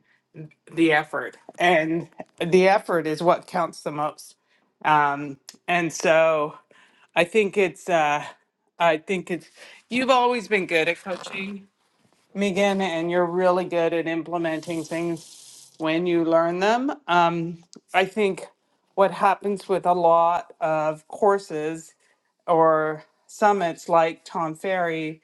Speaker 1: the effort. And the effort is what counts the most. Um, and so I think it's uh I think it's you've always been good at coaching, Megan, and you're really good at implementing things when you learn them. Um I think what happens with a lot of courses or summits like Tom Ferry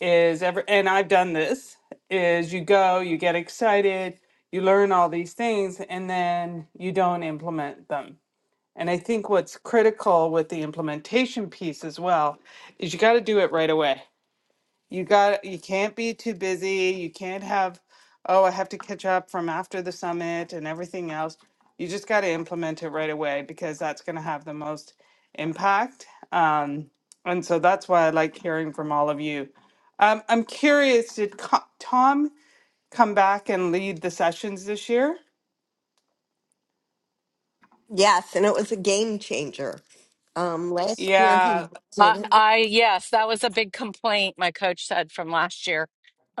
Speaker 1: is ever and I've done this is you go, you get excited, you learn all these things and then you don't implement them and I think what's critical with the implementation piece as well is you got to do it right away. You got you can't be too busy. You can't have oh, I have to catch up from after the summit and everything else. You just got to implement it right away because that's going to have the most impact. Um, and so that's why I like hearing from all of you. Um, I'm curious, did Co- Tom come back and lead the sessions this year?
Speaker 3: Yes, and it was a game changer. Um last year he
Speaker 1: Yeah.
Speaker 6: I,
Speaker 3: did it.
Speaker 6: I yes, that was a big complaint my coach said from last year,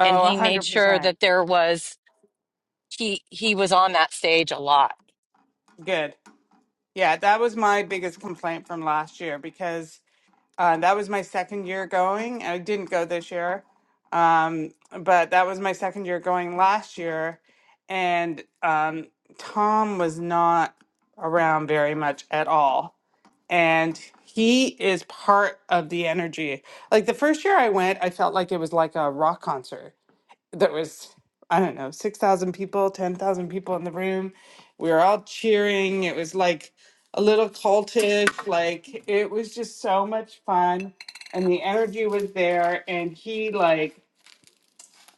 Speaker 6: and he made sure
Speaker 1: 100%.
Speaker 6: that there was he he was on that stage a lot.
Speaker 1: Good. Yeah, that was my biggest complaint from last year because uh, that was my second year going. I didn't go this year, um, but that was my second year going last year. And um, Tom was not around very much at all. And he is part of the energy. Like the first year I went, I felt like it was like a rock concert there was I don't know, 6,000 people, 10,000 people in the room. We were all cheering. It was like a little cultish. Like it was just so much fun and the energy was there and he like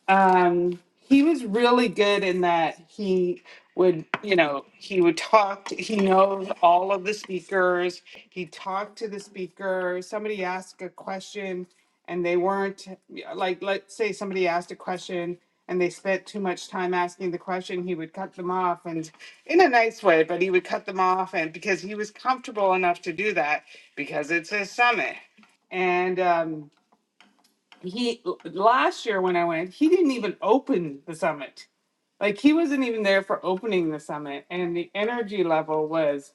Speaker 1: um he was really good in that he would you know he would talk to- he knows all of the speakers he talked to the speaker somebody asked a question and they weren't yeah, like let's say somebody asked a question and they spent too much time asking the question he would cut them off and in a nice way but he would cut them off and because he was comfortable enough to do that because it's a summit and um he last year when I went, he didn't even open the summit. Like he wasn't even there for opening the summit, and the energy level was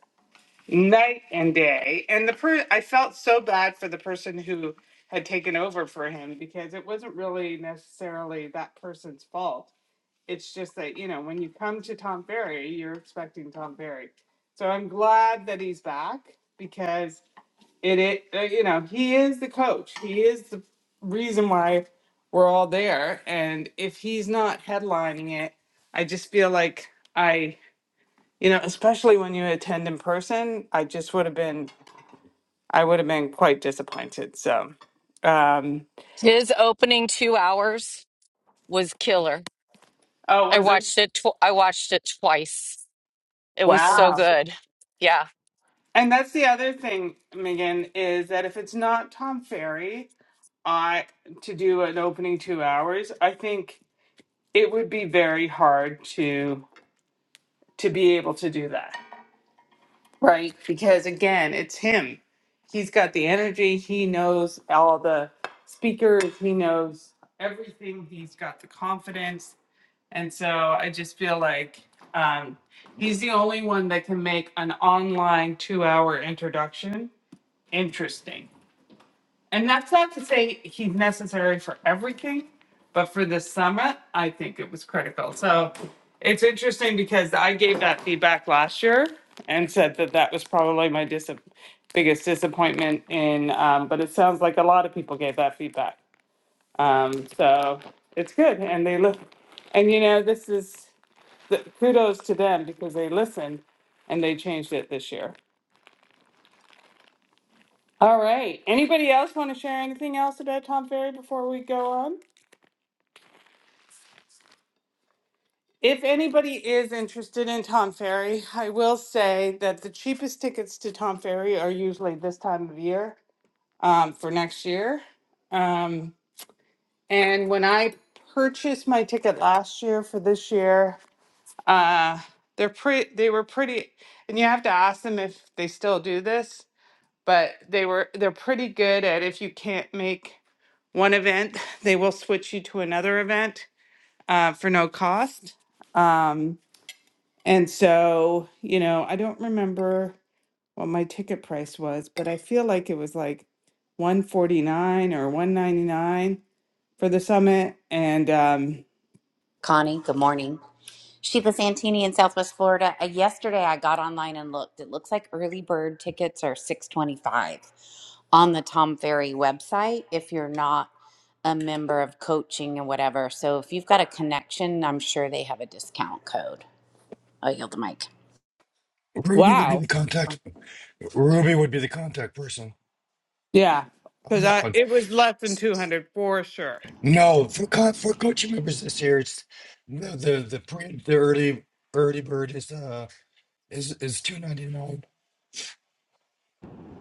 Speaker 1: night and day. And the per I felt so bad for the person who had taken over for him because it wasn't really necessarily that person's fault. It's just that you know when you come to Tom Ferry, you're expecting Tom Ferry. So I'm glad that he's back because it, it uh, you know he is the coach he is the reason why we're all there and if he's not headlining it i just feel like i you know especially when you attend in person i just would have been i would have been quite disappointed so um
Speaker 6: His opening two hours was killer.
Speaker 1: oh
Speaker 6: I
Speaker 1: was it
Speaker 6: watched it. Tw- I watched it twice. It was so
Speaker 1: wow
Speaker 6: good. Yeah,
Speaker 1: and that's the other thing megan is that if it's not tom ferry i to do an opening two hours i think it would be very hard to. to be able to do that, right? Because again, it's him. He's got the energy. He knows all the speakers. He knows everything. He's got the confidence. And so I just feel like um, he's the only one that can make an online two hour introduction interesting and that's not to say he's necessary for everything, but for this summit, I think it was critical. So it's interesting because I gave that feedback last year and said that that was probably my dis- biggest disappointment in, um, but it sounds like a lot of people gave that feedback. Um, so it's good. And they look, and you know, this is the, kudos to them because they listened and they changed it this year. All right. Anybody else want to share anything else about Tom Ferry before we go on? If anybody is interested in Tom Ferry, I will say that the cheapest tickets to Tom Ferry are usually this time of year um, for next year. Um, and when I purchased my ticket last year for this year, uh, they're pretty. They were pretty, and you have to ask them if they still do this. But they were they're pretty good at if you can't make one event, they will switch you to another event uh, for no cost. Um, And so, you know, I don't remember what my ticket price was, but I feel like it was like 149 or 199 for the summit. And um
Speaker 9: Connie, good morning. Sheila Santini in Southwest Florida. Uh, yesterday I got online and looked. It looks like early bird tickets are 625 on the Tom Ferry website if you're not a member of coaching and whatever. So if you've got a connection, I'm sure they have a discount code. I yield the mic.
Speaker 4: Ruby would be
Speaker 1: wow.
Speaker 4: the contact. Ruby would be the contact person
Speaker 1: Yeah.
Speaker 4: on
Speaker 1: Cuz
Speaker 4: that
Speaker 1: I
Speaker 4: one.
Speaker 1: it was less than 200 for sure.
Speaker 4: No, for co- for coaching members this year, it's the the the, pre, the early early bird is uh is is two ninety nine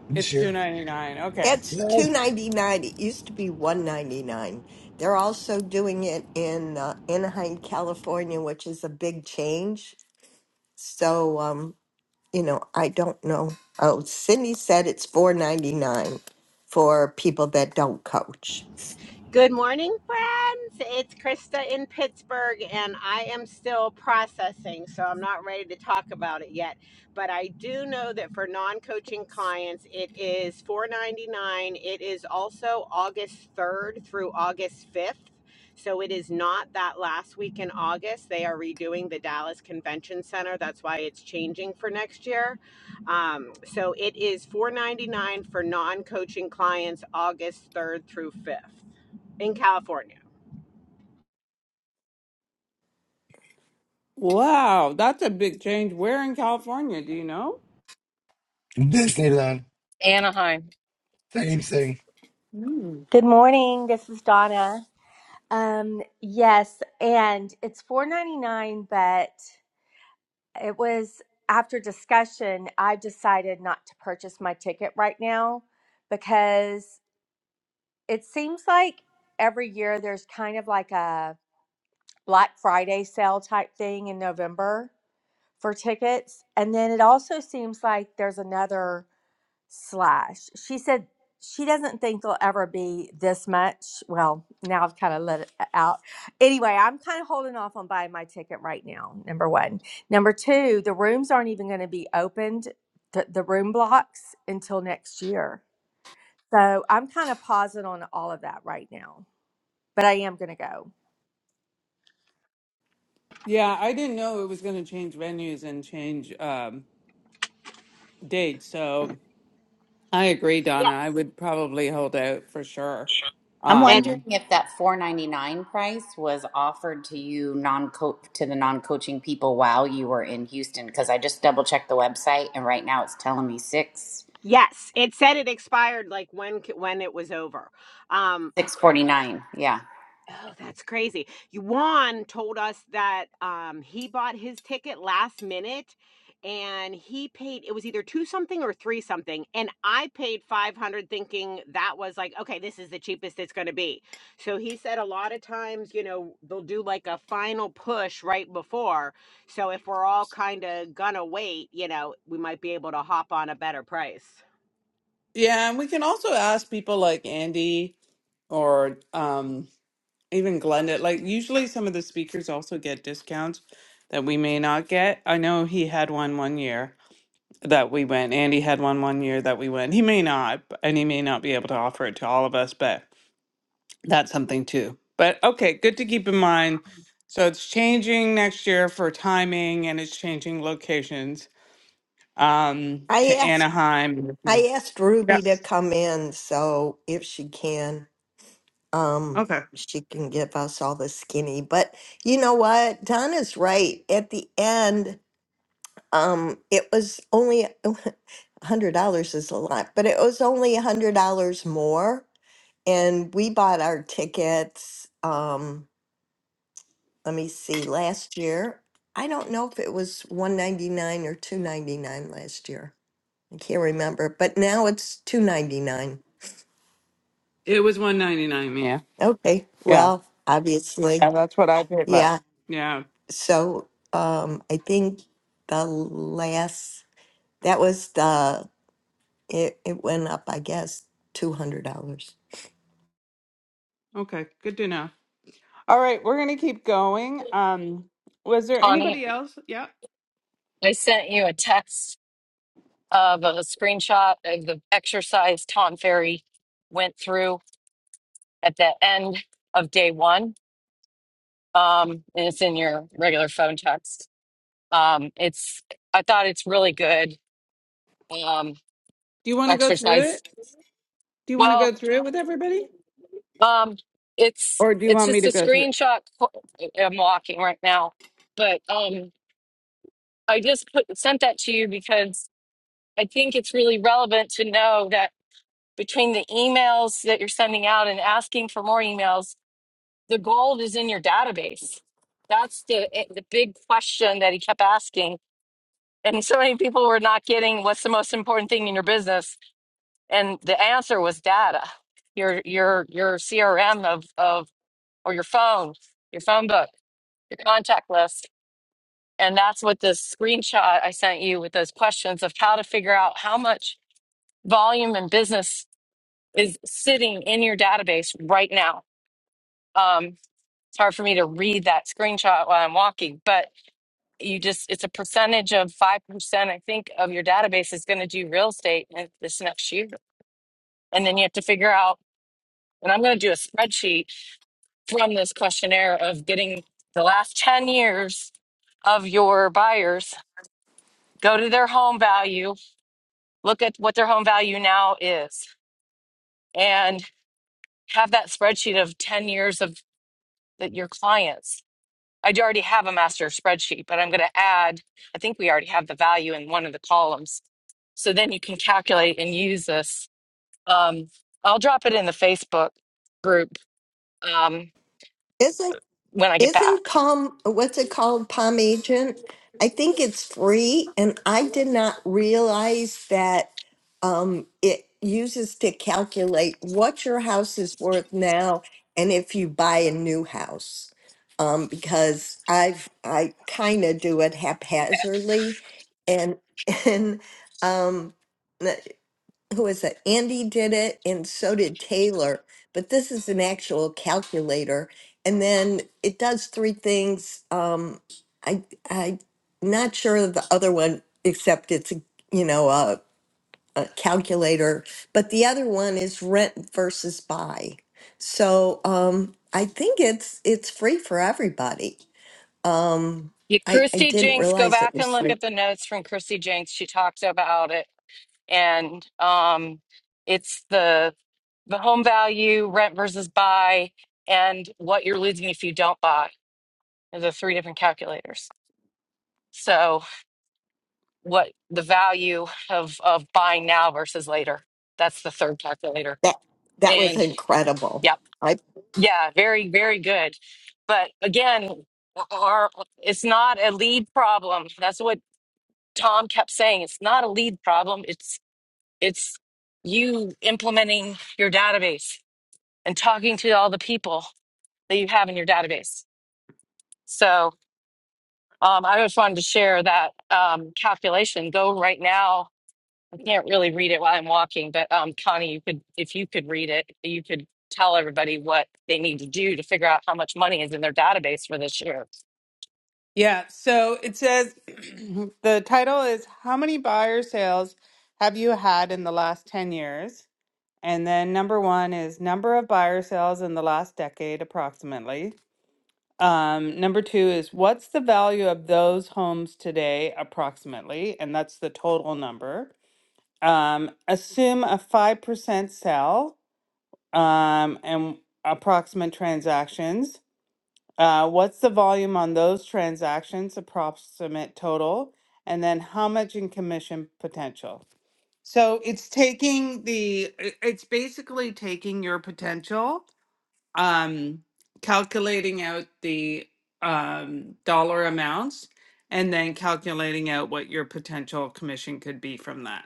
Speaker 4: this
Speaker 1: It's
Speaker 4: year.
Speaker 1: 299. Okay.
Speaker 3: It's two
Speaker 4: No,
Speaker 3: ninety nine. It used to be one ninety nine. They're also doing it in uh, Anaheim, California, which is a big change. So um you know, I don't know. Oh, Cindy said it's four ninety nine for people that don't coach.
Speaker 10: Good morning, friends. It's Krista in Pittsburgh, and I am still processing, so I'm not ready to talk about it yet. But I do know that for non-coaching clients, it is $4.99. It is also August 3rd through August 5th. So it is not that last week in August. They are redoing the Dallas Convention Center. That's why it's changing for next year. Um, so it is $4.99 for non-coaching clients, August 3rd through 5th in California.
Speaker 1: Wow, that's a big change. Where in California, do you know?
Speaker 4: Disneyland,
Speaker 6: Anaheim,
Speaker 4: same thing.
Speaker 1: Mm.
Speaker 11: Good morning. This is Donna. Um, yes, and it's four ninety nine, but it was after discussion. I've decided not to purchase my ticket right now because it seems like every year there's kind of like a Black Friday sale type thing in November for tickets, and then it also seems like there's another. slash. She said she doesn't think there'll ever be this much. Well, now I've kind of let it out. Anyway, I'm kind of holding off on buying my ticket right now. Number one. Number two, the rooms aren't even going to be opened, the, the room blocks until next year. So I'm kind of pausing on all of that right now, but I am going to go.
Speaker 1: Yeah, I didn't know it was going to change venues and change um dates. So I agree,
Speaker 10: Yeah.
Speaker 1: Donna. I would probably hold out for sure.
Speaker 9: I'm
Speaker 10: And
Speaker 9: wondering
Speaker 1: Um,
Speaker 9: if that 499 price was offered to you non to the non-coaching people while you were in Houston because I just double checked the website and right now it's telling me 6.
Speaker 10: yes, it said it expired like when when it was over. Um, oh crap.
Speaker 9: 649. Yeah.
Speaker 10: Oh, that's crazy. Yuan told us that um, he bought his ticket last minute and he paid, it was either two something or three something. And I paid 500 thinking that was like, okay, this is the cheapest it's going to be. So he said a lot of times, you know, they'll do like a final push right before. So if we're all kind of going to wait, you know, we might be able to hop on a better price.
Speaker 1: yeah, and we can also ask people like Andy or um, even Glenda. Like, usually some of the speakers also get discounts that we may not get. I know he had one one year that we went. Andy had one one year that we went. He may not, b- and he may not be able to offer it to all of us, but that's something too. But okay, good to keep in mind. So it's changing next year for timing and it's changing locations. um,
Speaker 3: I
Speaker 1: to
Speaker 3: asked
Speaker 1: Anaheim.
Speaker 3: I asked Ruby to
Speaker 1: Yes.
Speaker 3: come in, so if she can, um,
Speaker 1: Okay.
Speaker 3: she can give us all the skinny. But you know what? Donna's right. At the end, um, it was only hundred dollars is a lot, but it was only hundred dollars more, and we bought our tickets. Um, let me see, last year, I don't know if it was 199 or 299 last year. I can't remember, but now it's 299.
Speaker 1: It was one ninety nine. Yeah.
Speaker 3: Okay,
Speaker 1: Yeah.
Speaker 3: well, obviously,
Speaker 1: And that's what I paid last.
Speaker 3: yeah.
Speaker 1: Yeah.
Speaker 3: So, um, I think the last, that was the, it, it went up, I guess, $200.
Speaker 1: Okay. Good to know. All right, we're gonna keep going. Um, was there
Speaker 6: Connie.
Speaker 1: anybody else? Yeah.
Speaker 6: I sent you a text of a screenshot of the exercise Tom Ferry went through at the end of day one. Um, and it's in your regular phone text Um, it's I thought it's really good um,
Speaker 1: Do you want to go through
Speaker 6: exercise.
Speaker 1: it? Do you want to
Speaker 6: Well,
Speaker 1: go through it with everybody,
Speaker 6: um, it's
Speaker 1: or do you
Speaker 6: it's
Speaker 1: want me
Speaker 6: just a
Speaker 1: to go through it?
Speaker 6: screenshot. co- I'm walking right now, but um, I just put sent that to you because I think it's really relevant to know that between the emails that you're sending out and asking for more emails, the gold is in your database. That's the eh, the big question that he kept asking, and so many people were not getting what's the most important thing in your business and the answer was data your your your crm of of or your phone your phone book your contact list and that's what this screenshot i sent you with those questions of how to figure out how much volume and business is sitting in your database right now um, it's hard for me to read that screenshot while i'm walking but you just it's a percentage of 5% i think of your database is going to do real estate in this next year and then you have to figure out and i'm going to do a spreadsheet from this questionnaire of getting the last 10 years of your buyers, go to their home value, look at what their home value now is, and have that spreadsheet of 10 years of that your clients. I do already have a master spreadsheet, but I'm going to add, I think we already have the value in one of the columns. So then you can calculate and use this. Um, I'll drop it in the Facebook group um,
Speaker 3: Isn't
Speaker 6: when I get
Speaker 3: Isn't
Speaker 6: back.
Speaker 3: Palm, what's it called, Palm Agent? I think it's free, and I did not realize that um, it uses to calculate what your house is worth now and if you buy a new house. Um, because I've I kind of do it haphazardly, and and um, who is it? Andy did it, and so did Taylor. But this is an actual calculator, and then it does three things. Um, I I'm not sure of the other one, except it's a you know a, a calculator. But the other one is rent versus buy. So um, I think it's it's free for everybody. Um,
Speaker 6: You,
Speaker 3: I I
Speaker 6: Christy
Speaker 3: didn't
Speaker 6: Jinks, go
Speaker 3: realize it
Speaker 6: back and
Speaker 3: was
Speaker 6: look
Speaker 3: free.
Speaker 6: at the notes from Christy Jinks. She talked about it, and um, it's the the home value, rent versus buy, and what you're losing if you don't buy. are the three different calculators. So, what the value of of buying now versus later? That's the third calculator.
Speaker 3: That that was
Speaker 6: And
Speaker 3: incredible.
Speaker 6: yep,
Speaker 3: I
Speaker 6: yeah, very very good. But again, our, it's not a lead problem. That's what Tom kept saying it's not a lead problem. It's it's you implementing your database and talking to all the people that you have in your database. So um, I just wanted to share that um, calculation. Go right now. I can't really read it while I'm walking, but um, Connie, you could if you could read it, you could tell everybody what they need to do to figure out how much money is in their database for this year.
Speaker 1: Yeah. So it says the title is "How many buyer sales have you had in the last ten years?" And then number one is number of buyer sales in the last decade, approximately. Um, number two is what's the value of those homes today, approximately? And that's the total number. Um, assume a 5% sell um, and approximate transactions. Uh, what's the volume on those transactions, approximate total? And then how much in commission potential? So it's taking the, it- it's basically taking your potential, um, calculating out the um, dollar amounts, and then calculating out what your potential commission could be from that.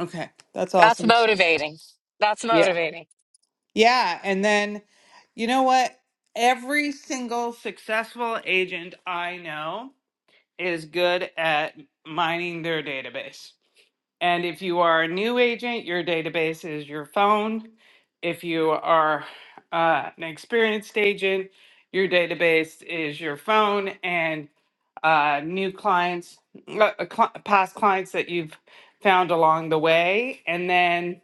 Speaker 1: Okay, that's
Speaker 6: That's
Speaker 1: awesome.
Speaker 6: motivating. That's motivating.
Speaker 1: Yeah, and then you know what? Every single successful agent I know is good at mining their database. And if you are a new agent, your database is your phone. If you are uh, an experienced agent, your database is your phone and uh, new clients, uh, uh, cli past clients that you've found along the way. And then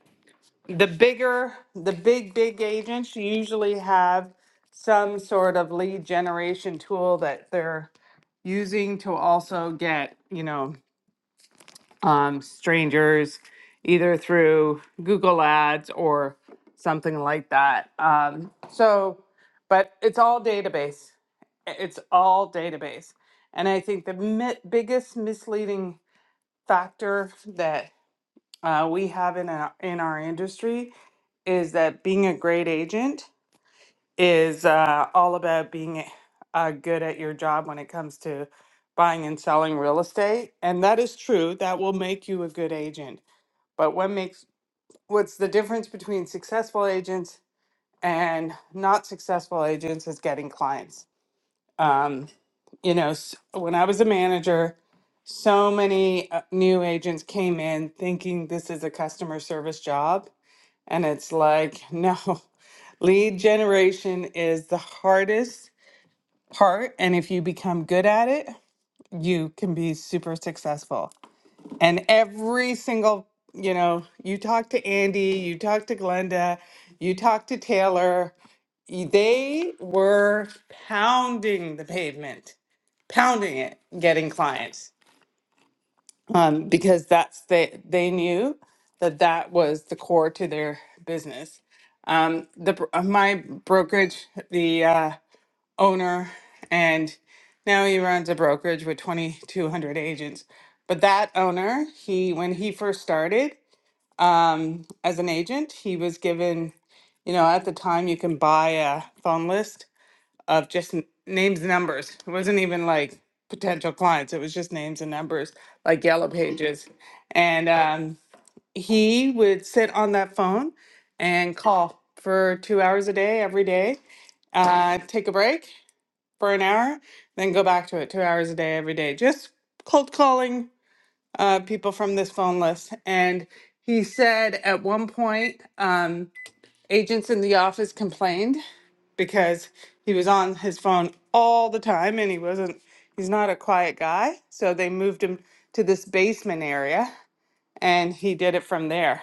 Speaker 1: the bigger the big big agents usually have some sort of lead generation tool that they're using to also get you know um, strangers either through google ads or something like that um, so but it's all database I- it's all database and i think the mi- biggest misleading factor that uh, we have in our, in our industry is that being a great agent is uh, all about being uh, good at your job when it comes to buying and selling real estate. And that is true. That will make you a good agent. But what makes what's the difference between successful agents and not successful agents is getting clients. Um, you know, s- when I was a manager, so many uh, new agents came in thinking this is a customer service job and it's like, no, lead generation is the hardest part. And if you become good at it, you can be super successful. And every single, you know, you talk to Andy, you talk to Glenda, you talk to Taylor, y- they were pounding the pavement, pounding it, getting clients. um, because that's the they knew that that was the core to their business. Um, the br- uh, my brokerage, the uh, owner, and now he runs a brokerage with 2,200 agents. But that owner, he when he first started um, as an agent, he was given, you know, at the time you can buy a phone list of just n- names and numbers. It wasn't even like potential clients. It was just names and numbers, like yellow pages. And um, he would sit on that phone and call for two hours a day every day. Uh, take a break for an hour, then go back to it two hours a day every day. Just cold calling uh, people from this phone list. And he said at one point. Um, agents in the office complained because he was on his phone all the time and he wasn't he's not a quiet guy so they moved him to this basement area and he did it from there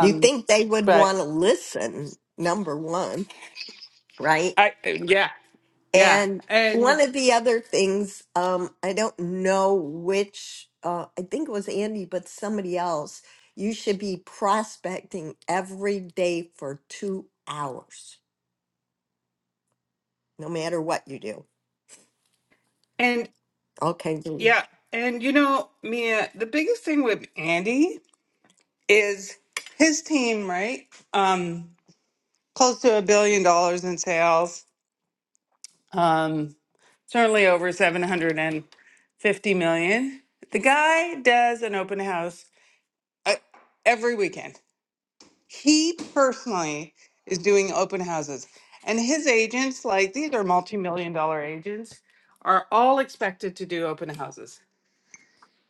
Speaker 3: you think they would
Speaker 1: but
Speaker 3: want to listen number one right
Speaker 1: i yeah yeah
Speaker 3: and one
Speaker 1: and
Speaker 3: of the other things um i don't know which uh i think it was andy but somebody else you should be prospecting every day for two hours no matter what you do
Speaker 1: and
Speaker 3: okay Julie.
Speaker 1: yeah and you know mia the biggest thing with andy is his team right um close to a billion dollars in sales um certainly over 750 50 million. The guy does an open house uh, every weekend. He personally is doing open houses. And his agents, like these are multi million dollar agents, are all expected to do open houses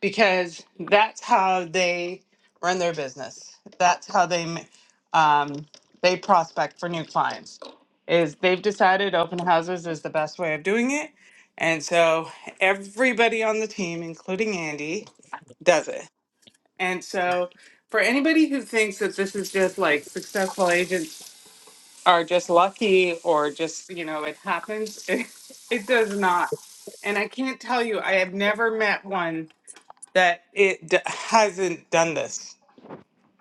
Speaker 1: because that's how they run their business. That's how they m- um, they prospect for new clients. Is they've decided open houses is the best way of doing it, and so everybody on the team, including Andy, does it. And so, for anybody who thinks that this is just like successful agents are just lucky or just, you know, it happens, it, it does not. And I can't tell you, I have never met one that it d- hasn't done this.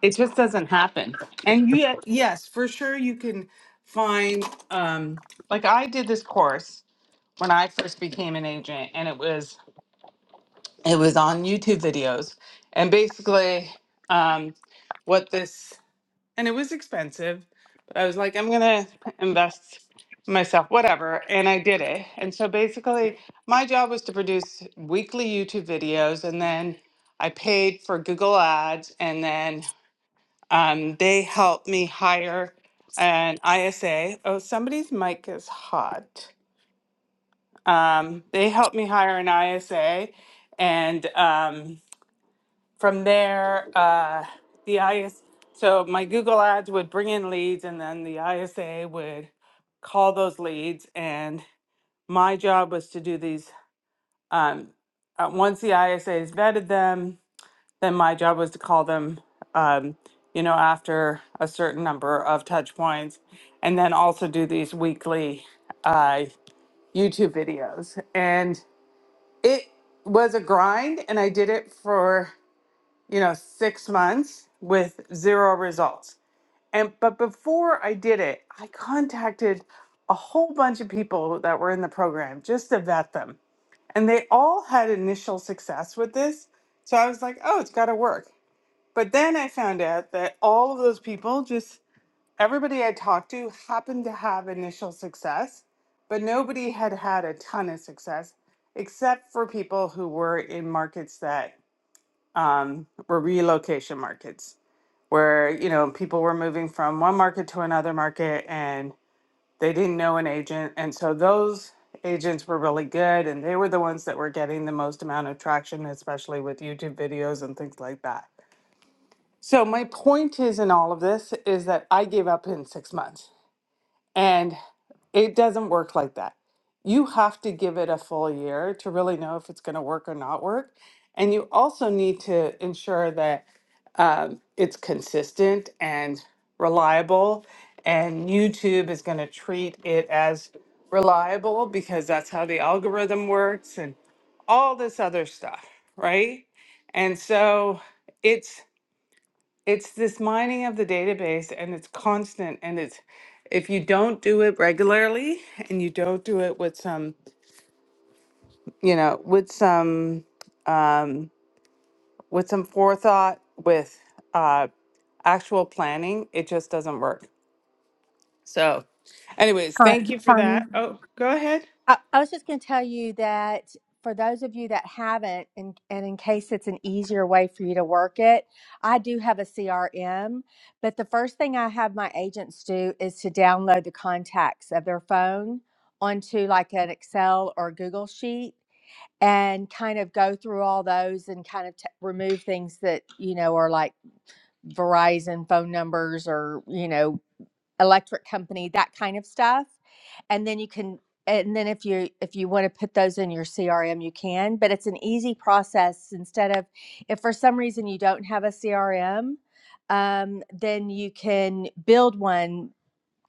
Speaker 1: It just doesn't happen. And yet, yes, for sure, you can find, um, like, I did this course when I first became an agent, and it was it was on YouTube videos. And basically, um, what this, and it was expensive, but I was like, I'm going to invest in myself, whatever. And I did it. And so basically, my job was to produce weekly YouTube videos. And then I paid for Google Ads. And then um, they helped me hire an ISA. Oh, somebody's mic is hot. Um, they helped me hire an ISA. And, um, from there, uh, the IS, so my Google ads would bring in leads and then the ISA would call those leads. And my job was to do these, um, uh, once the ISAs vetted them, then my job was to call them, um, you know, after a certain number of touch points and then also do these weekly, uh, YouTube videos. And it was a grind and I did it for you know, six months with zero results. And but before I did it, I contacted a whole bunch of people that were in the program just to vet them. And they all had initial success with this. So I was like, oh, it's got to work. But then I found out that all of those people, just everybody I talked to, happened to have initial success, but nobody had had a ton of success except for people who were in markets that um, were relocation markets where you know people were moving from one market to another market and they didn't know an agent and so those agents were really good and they were the ones that were getting the most amount of traction especially with YouTube videos and things like that. So my point is in all of this is that I gave up in 6 months. And it doesn't work like that. You have to give it a full year to really know if it's going to work or not work. And you also need to ensure that um, it's consistent and reliable. And YouTube is going to treat it as reliable because that's how the algorithm works and all this other stuff, right? And so it's it's this mining of the database and it's constant and it's if you don't do it regularly and you don't do it with some you know with some um, with some forethought with uh, actual planning it just doesn't work so anyways thank
Speaker 11: Con-
Speaker 1: you for
Speaker 11: Connie,
Speaker 1: that oh go ahead
Speaker 11: I, I was just going to tell you that for those of you that haven't, and, and in case it's an easier way for you to work it, I do have a CRM. But the first thing I have my agents do is to download the contacts of their phone onto like an Excel or Google sheet and kind of go through all those and kind of t- remove things that, you know, are like Verizon phone numbers or, you know, electric company, that kind of stuff. And then you can and then if you if you want to put those in your CRM you can, but it's an easy process instead of if for some reason you don't have a CRM, um, then you can build one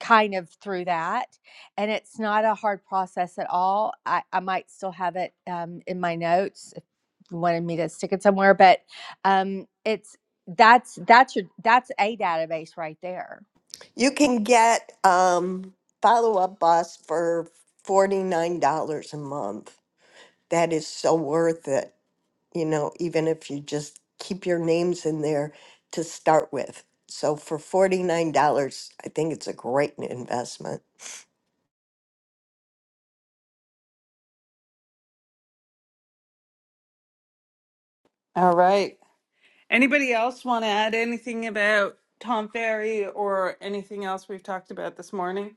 Speaker 11: kind of through that and it's not a hard process at all. I, I might still have it um, in my notes if you wanted me to stick it somewhere, but um, it's that's that's your that's a database right there.
Speaker 3: you can get um follow-up boss for $49 a month that is so worth it you know, even if you just keep your names in there to start with. So for $49, I think it's a great investment.
Speaker 1: all right anybody else want to add anything about tom ferry or anything else we've talked about this morning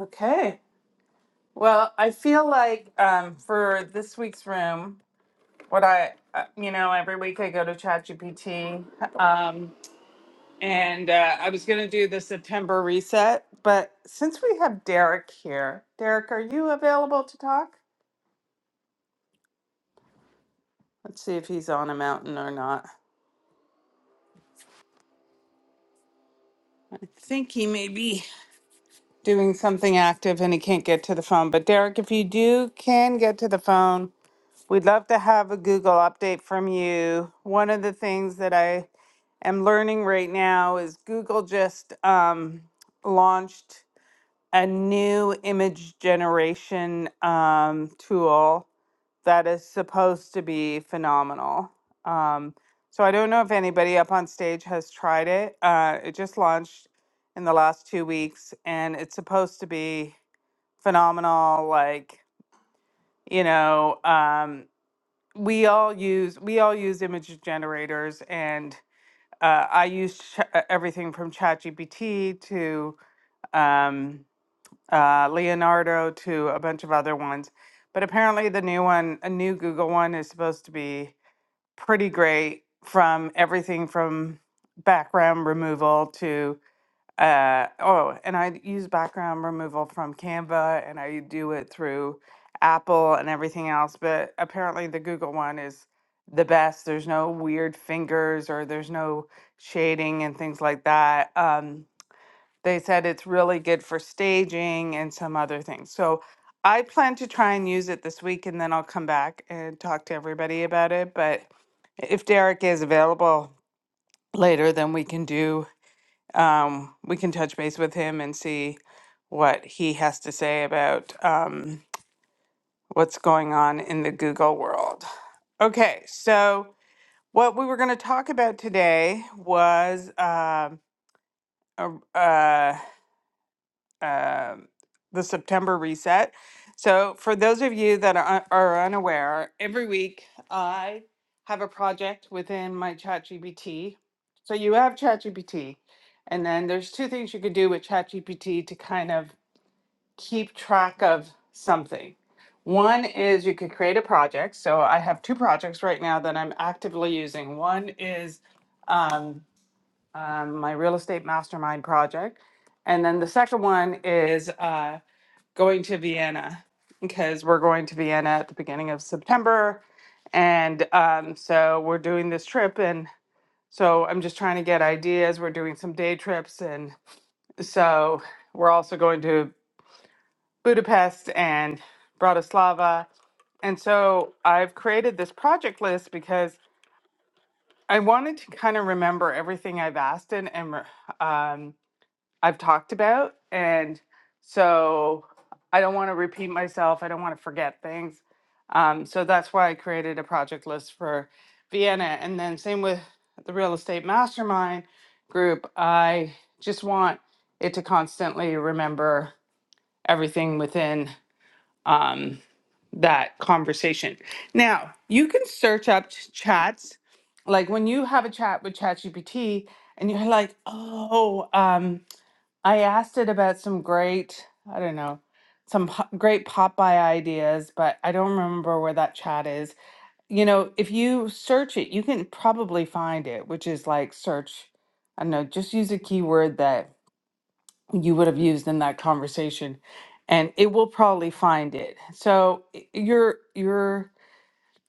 Speaker 1: okay Well, I feel like um, for this week's room, what I, uh, you know, every week I go to ChatGPT, um, and uh, I was going to do the September reset, but since we have Derek here, Derek, are you available to talk? Let's see if he's on a mountain or not. I think he may be doing something active and he can't get to the phone. But Derek, if you do can get to the phone, We'd love to have a Google update from you. One of the things that I am learning right now is Google just um, launched a new image generation um, tool that is supposed to be phenomenal. Um, so I don't know if anybody up on stage has tried it. Uh, it just launched in the last two weeks and it's supposed to be phenomenal. Like, you know, um, we all use we all use image generators and uh, i use ch- uh, everything from chatgpt to um, uh, leonardo to a bunch of other ones but apparently the new one a new google one is supposed to be pretty great from everything from background removal to uh, oh, and I use background removal from Canva and I do it through Apple and everything else, but apparently the Google one is the best. There's no weird fingers or there's no shading and things like that. Um, they said it's really good for staging and some other things. So I plan to try and use it this week and then I'll come back and talk to everybody about it. But if Derek is available later, then we can do um, we can touch base with him and see what he has to say about um, what's going on in the Google world. Okay, so what we were going to talk about today was um, a, uh, uh, the September reset. So, for those of you that are, are unaware, every week I have a project within my ChatGPT. So, you have ChatGPT, and then there's two things you could do with ChatGPT to kind of keep track of something. One is you could create a project. So, I have two projects right now that I'm actively using. One is um, um, my real estate mastermind project. And then the second one is uh, going to Vienna because we're going to Vienna at the beginning of September. And um, so we're doing this trip. And so I'm just trying to get ideas. We're doing some day trips. And so we're also going to Budapest and Bratislava. And so I've created this project list because I wanted to kind of remember everything I've asked and, and re- um, I've talked about. And so I don't want to repeat myself. I don't want to forget things. Um, so that's why I created a project list for Vienna. And then, same with the real estate mastermind group, I just want it to constantly remember everything within um, that conversation. Now, you can search up ch- chats. Like when you have a chat with ChatGPT and you're like, oh, um, I asked it about some great, I don't know, some po- great Popeye ideas, but I don't remember where that chat is. You know, if you search it, you can probably find it, which is like search, I don't know, just use a keyword that you would have used in that conversation and it will probably find it. So y- you're you're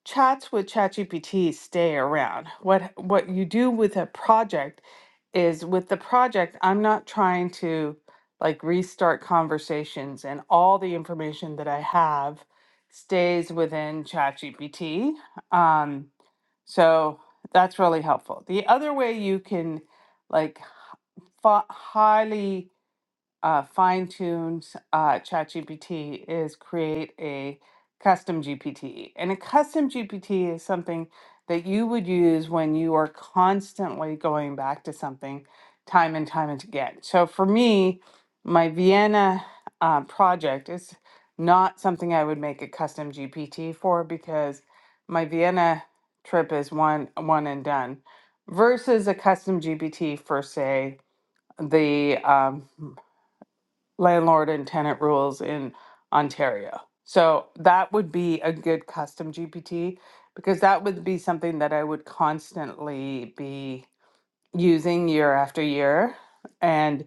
Speaker 1: chats with ChatGPT stay around. What what you do with a project is with the project, I'm not trying to like restart conversations and all the information that I have stays within ChatGPT. Um, so that's really helpful. The other way you can like hi- highly uh, fine tuned uh, ChatGPT is create a custom GPT. And a custom GPT is something that you would use when you are constantly going back to something time and time and again. So for me, my Vienna uh, project is not something I would make a custom GPT for because my Vienna trip is one one and done versus a custom GPT for say the um, landlord and tenant rules in Ontario. So that would be a good custom GPT because that would be something that I would constantly be using year after year. And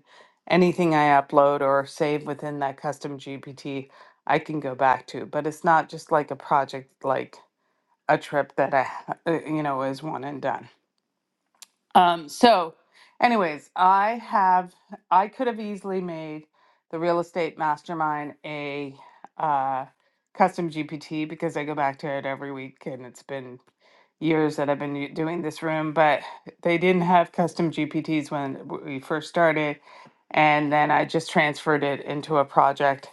Speaker 1: anything I upload or save within that custom GPT, I can go back to. But it's not just like a project like a trip that I, ha- uh, you know, is one and done. Um, so, anyways, I have I could have easily made the real estate mastermind a uh, custom GPT because I go back to it every week, and it's been years that I've been u- doing this room. But they didn't have custom GPTs when w- we first started, and then I just transferred it into a project.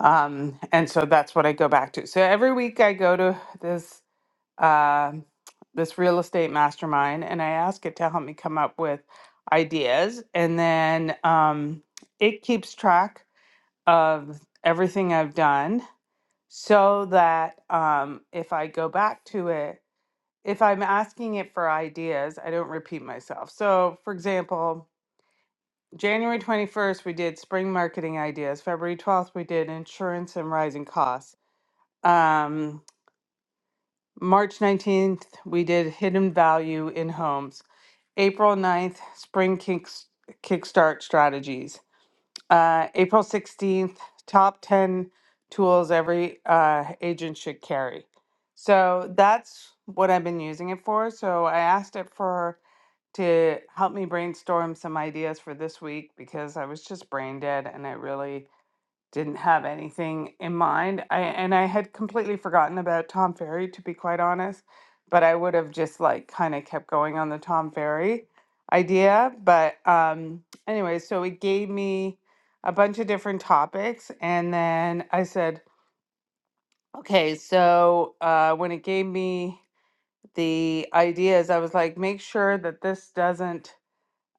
Speaker 1: Um, and so that's what I go back to. So every week I go to this um this real estate mastermind and I ask it to help me come up with ideas. And then um, it keeps track of everything I've done so that um, if I go back to it, if I'm asking it for ideas, I don't repeat myself. So, for example, January 21st, we did spring marketing ideas. February 12th, we did insurance and rising costs. Um, March 19th, we did hidden value in homes. April ninth, spring kick, kickstart strategies. Uh, April 16th, top 10 tools every uh, agent should carry. So that's what I've been using it for. So I asked it for to help me brainstorm some ideas for this week because I was just brain dead and it really didn't have anything in mind. I and I had completely forgotten about Tom Ferry to be quite honest, but I would have just like kind of kept going on the Tom Ferry idea, but um anyway, so it gave me a bunch of different topics and then I said, okay, so uh when it gave me the ideas, I was like, make sure that this doesn't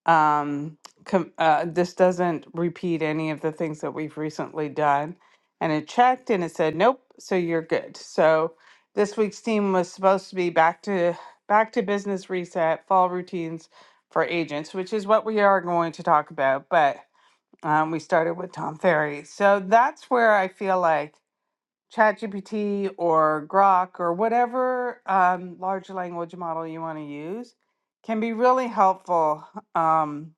Speaker 1: um, com- uh, this doesn't repeat any of the things that we've recently done. And it checked and it said, nope, so you're good. So this week's theme was supposed to be back to back to business reset, fall routines for agents, which is what we are going to talk about. But um, we started with Tom Ferry. So that's where I feel like ChatGPT or Grok or whatever um, large language model you want to use can be really helpful. Um,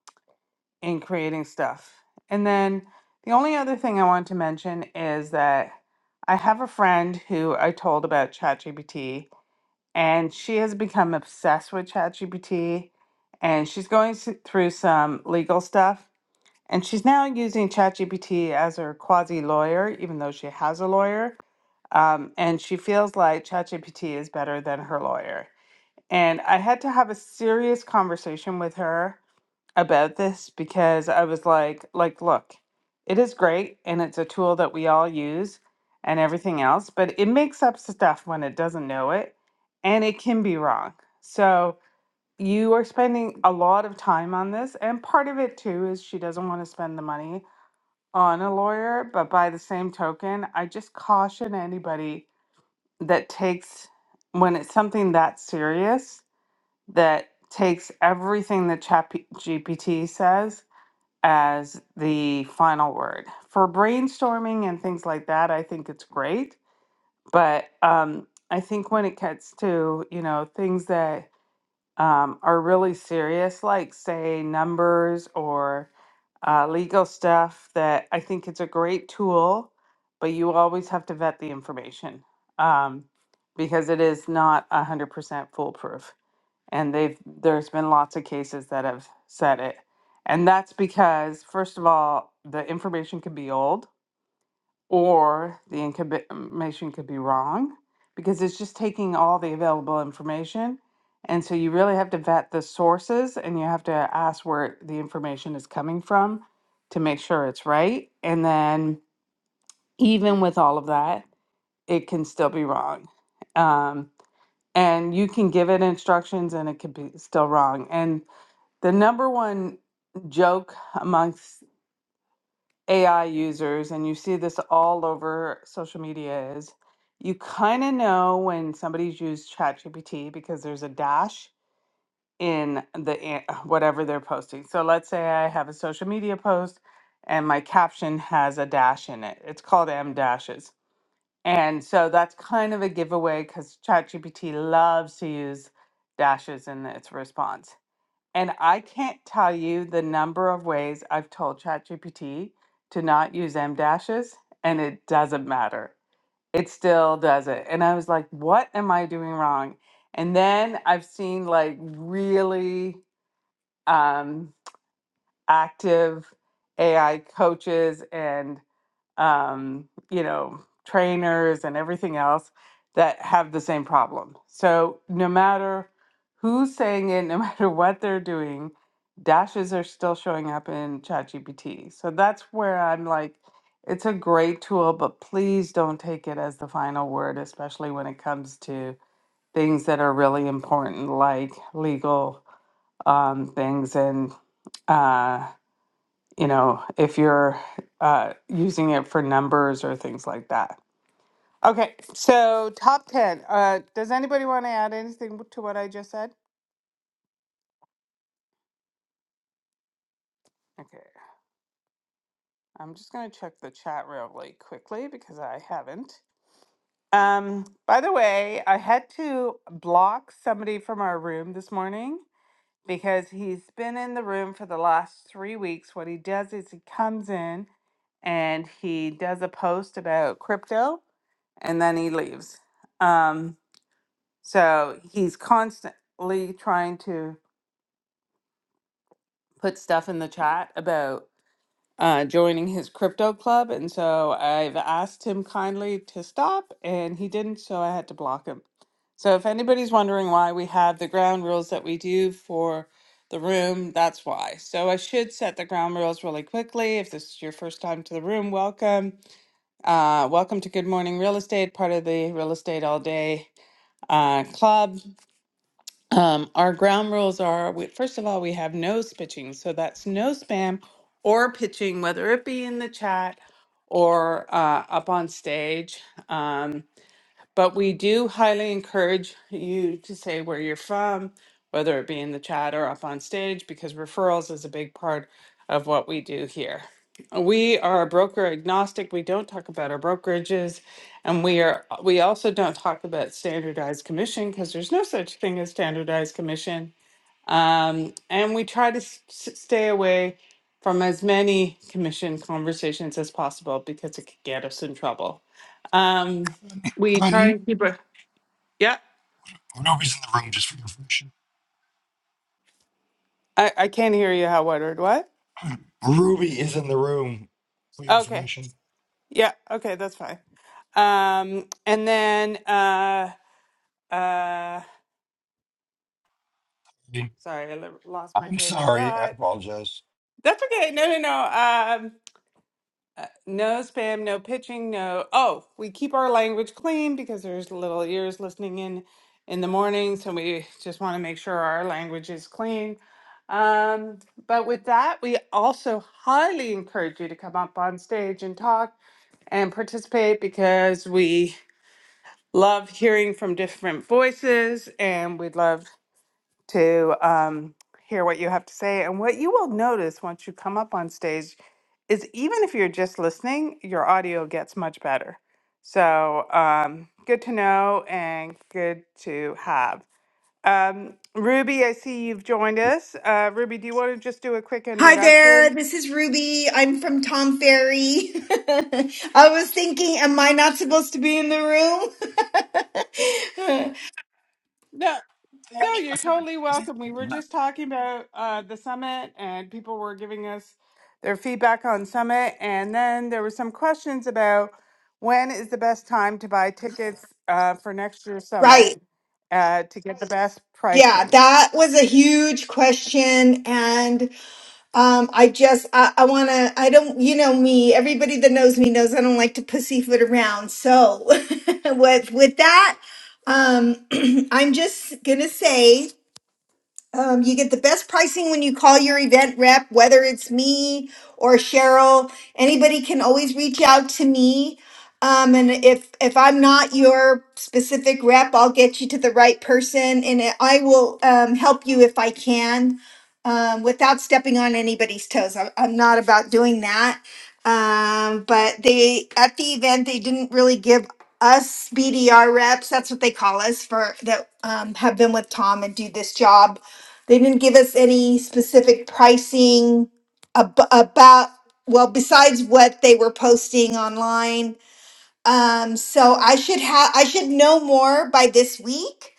Speaker 1: in creating stuff. And then the only other thing I want to mention is that I have a friend who I told about ChatGPT, and she has become obsessed with ChatGPT, and she's going s- through some legal stuff. And she's now using ChatGPT as her quasi lawyer, even though she has a lawyer. Um, and she feels like ChatGPT is better than her lawyer. And I had to have a serious conversation with her about this because I was like, like, look, it is great and it's a tool that we all use and everything else, but it makes up stuff when it doesn't know it and it can be wrong. So you are spending a lot of time on this and part of it too is she doesn't want to spend the money on a lawyer, but by the same token, I just caution anybody that takes when it's something that serious that takes everything that Chat GPT says as the final word. For brainstorming and things like that, I think it's great. But um, I think when it gets to, you know, things that um, are really serious, like say numbers or uh, legal stuff, that I think it's a great tool, but you always have to vet the information um, because it is not 100% foolproof and they've there's been lots of cases that have said it and that's because first of all the information could be old or the incobi- information could be wrong because it's just taking all the available information and so you really have to vet the sources and you have to ask where the information is coming from to make sure it's right and then even with all of that it can still be wrong um, and you can give it instructions and it could be still wrong and the number one joke amongst AI users, and you see this all over social media, is you kind of know when somebody's used ChatGPT because there's a dash in the an- whatever they're posting. So let's say I have a social media post and my caption has a dash in it. It's called M dashes. And so that's kind of a giveaway because ChatGPT loves to use dashes in its response. And I can't tell you the number of ways I've told ChatGPT to not use M dashes, and it doesn't matter. It still does it. And I was like, what am I doing wrong? And then I've seen like really um, active AI coaches and um, you know, trainers and everything else that have the same problem. So no matter who's saying it, no matter what they're doing, dashes are still showing up in ChatGPT. So that's where I'm like, it's a great tool, but please don't take it as the final word, especially when it comes to things that are really important, like legal um, things and uh, you know, if you're uh, using it for numbers or things like that. Okay, so top 10. Uh, does anybody want to add anything to what I just said? Okay, I'm just going to check the chat really quickly because I haven't. Um, by the way, I had to block somebody from our room this morning because he's been in the room for the last three weeks. What he does is he comes in and he does a post about crypto and then he leaves. Um, So he's constantly trying to put stuff in the chat about uh, joining his crypto club. And so I've asked him kindly to stop, and he didn't. So I had to block him. So if anybody's wondering why we have the ground rules that we do for the room, that's why. So I should set the ground rules really quickly. If this is your first time to the room, welcome. Uh, welcome to Good Morning Real Estate, part of the Real Estate All Day uh, Club. Um, our ground rules are we, first of all, we have no pitching. So that's no spam or pitching, whether it be in the chat or uh, up on stage. Um, but we do highly encourage you to say where you're from, whether it be in the chat or up on stage, because referrals is a big part of what we do here. We are broker agnostic. We don't talk about our brokerages, and we are we also don't talk about standardized commission because there's no such thing as standardized commission um, and we try to s- s- stay away from as many commission conversations as possible because it could get us in trouble. Um,
Speaker 4: Um,
Speaker 1: we try
Speaker 4: Honey,
Speaker 1: and keep a yeah.
Speaker 4: Ruby's in the room just for your information.
Speaker 1: I, I can't hear you, Howard. What?
Speaker 4: Ruby is in the room for your
Speaker 1: Okay.
Speaker 4: information.
Speaker 1: Yeah. Okay. That's fine. Um, and then uh, uh, sorry, I lo- lost my
Speaker 4: I'm
Speaker 1: train of
Speaker 4: sorry, I
Speaker 1: thought.
Speaker 4: apologize.
Speaker 1: That's okay. No, no, no. um, Uh, no spam, no pitching, no. Oh, we keep our language clean because there's little ears listening in in the morning, so we just want to make sure our language is clean. Um, but with that, we also highly encourage you to come up on stage and talk and participate because we love hearing from different voices and we love to um, hear what you have to say. And what you will notice once you come up on stage is even if you're just listening, your audio gets much better. So um, good to know and good to have. Um, Ruby, I see you've joined us. Uh, Ruby, do you want to just do a quick
Speaker 12: Hi there,
Speaker 1: introduction?
Speaker 12: this is Ruby. I'm from Tom Ferry. I was thinking, am I not supposed to be in the room?
Speaker 1: No. No, you're totally
Speaker 4: They
Speaker 1: welcome. We were just talking about uh, the summit, and people were giving us their feedback on summit. And then there were some questions about when is the best time to buy tickets uh, for next year's summit
Speaker 12: right.
Speaker 1: uh, to get the best
Speaker 12: Yeah,
Speaker 1: pricing.
Speaker 12: that was a huge question. And um, I just, I, I want to, I don't, you know me, everybody that knows me knows I don't like to pussyfoot around. So with, with that, um, I'm just going to say Um, you get the best pricing when you call your event rep, whether it's me or Cheryl. Anybody can always reach out to me. Um, and if if I'm not your specific rep, I'll get you to the right person, and I I will um, help you if I can, um, without stepping on anybody's toes. I'm, I'm not about doing that. Um, but they at the event they didn't really give us BDR reps. That's what they call us for that um, have been with Tom and do this job they didn't give us any specific pricing ab- about, well, besides what they were posting online. Um, so I should have, I should know more by this week.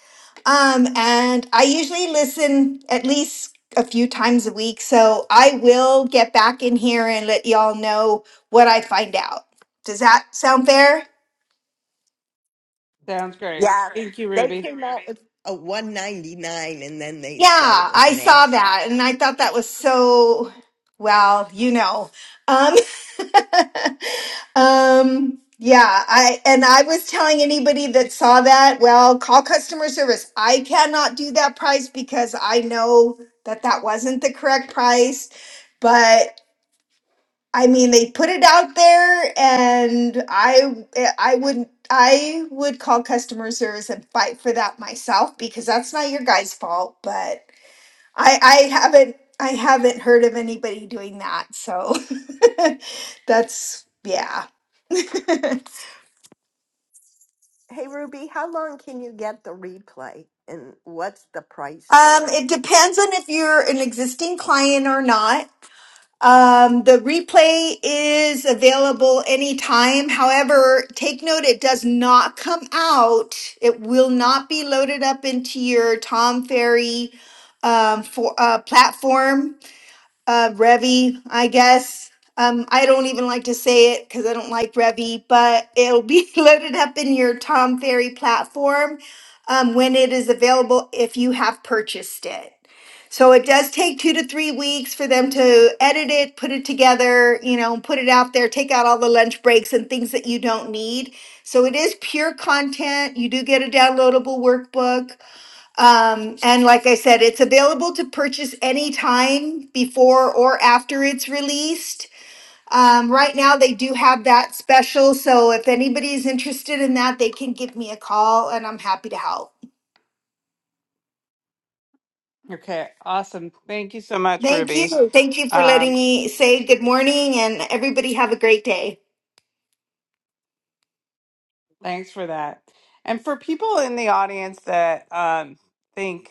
Speaker 12: Um, and I usually listen at least a few times a week. So I will get back in here and let y'all know what I find out. Does that sound fair?
Speaker 1: Sounds great.
Speaker 3: Yeah,
Speaker 1: Thank you,
Speaker 3: they
Speaker 1: Ruby.
Speaker 3: came out with. A 199 and then they said it
Speaker 12: Yeah,
Speaker 3: was
Speaker 12: I
Speaker 3: an
Speaker 12: saw
Speaker 3: accident.
Speaker 12: that and I thought that was so well, you know. Um um yeah, I and I was telling anybody that saw that, well, call customer service. I cannot do that price because I know that that wasn't the correct price, but I mean, they put it out there and I I would I would call customer service and fight for that myself because that's not your guys' fault, but I I haven't I haven't heard of anybody doing that. So that's yeah.
Speaker 3: Hey Ruby, how long can you get the replay and what's the price
Speaker 12: Um,
Speaker 3: for it?
Speaker 12: it depends on if you're an existing client or not. Um, the replay is available anytime. However, take note it does not come out. It will not be loaded up into your Tom Ferry um, for uh, platform uh, Revy, I guess. Um, I don't even like to say it because I don't like Revy, but it'll be loaded up in your Tom Ferry platform um, when it is available if you have purchased it. So it does take two to three weeks for them to edit it, put it together, you know, put it out there, take out all the lunch breaks and things that you don't need. So it is pure content. You do get a downloadable workbook. Um, and like I said, it's available to purchase anytime before or after it's released. Um, right now, they do have that special. So if anybody's interested in that, they can give me a call and I'm happy to help.
Speaker 1: Okay, awesome. Thank you so much,
Speaker 12: Thank
Speaker 1: Ruby.
Speaker 12: you. Thank you for
Speaker 1: Um,
Speaker 12: letting me say good morning and everybody have a great day.
Speaker 1: thanks for that. And for people in the audience that um, think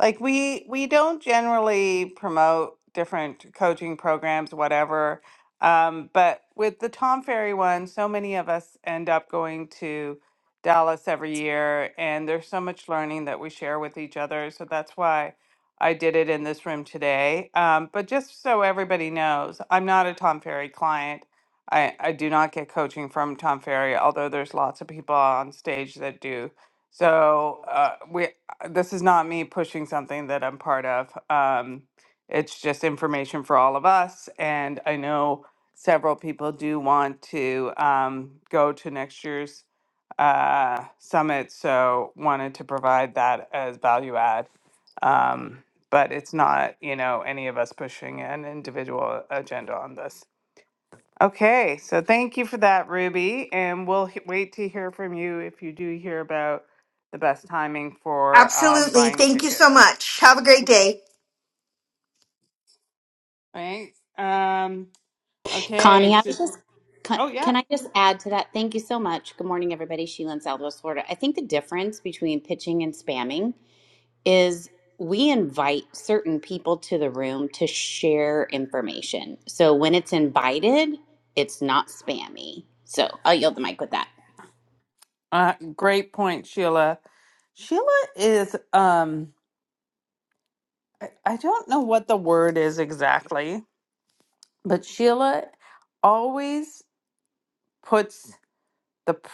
Speaker 1: like we we don't generally promote different coaching programs whatever um, but with the tom ferry one so many of us end up going to dallas every year and there's so much learning that we share with each other so that's why i did it in this room today um, but just so everybody knows i'm not a tom ferry client I, I do not get coaching from tom ferry although there's lots of people on stage that do so uh, we this is not me pushing something that I'm part of. Um, it's just information for all of us. And I know several people do want to um, go to next year's uh, summit. So wanted to provide that as value add. Um, but it's not, you know, any of us pushing an individual agenda on this. Okay, so thank you for that, Ruby, and we'll h- wait to hear from you if you do hear about the best timing for um,
Speaker 12: Absolutely.
Speaker 1: buying
Speaker 12: Thank you so
Speaker 1: tickets.
Speaker 12: much. Have a great day.
Speaker 1: Thanks. Um, okay,
Speaker 9: Connie, I
Speaker 1: so
Speaker 9: was just, can
Speaker 1: oh yeah,
Speaker 9: can I just add to that? Thank you so much. Good morning, everybody. Sheila in Southwest Florida. I think the difference between pitching and spamming is we invite certain people to the room to share information. So when it's invited, it's not spammy. So I'll yield the mic with that.
Speaker 1: uh, great point, Sheila. Sheila is um, I, I don't know what the word is exactly, but Sheila always puts the pr-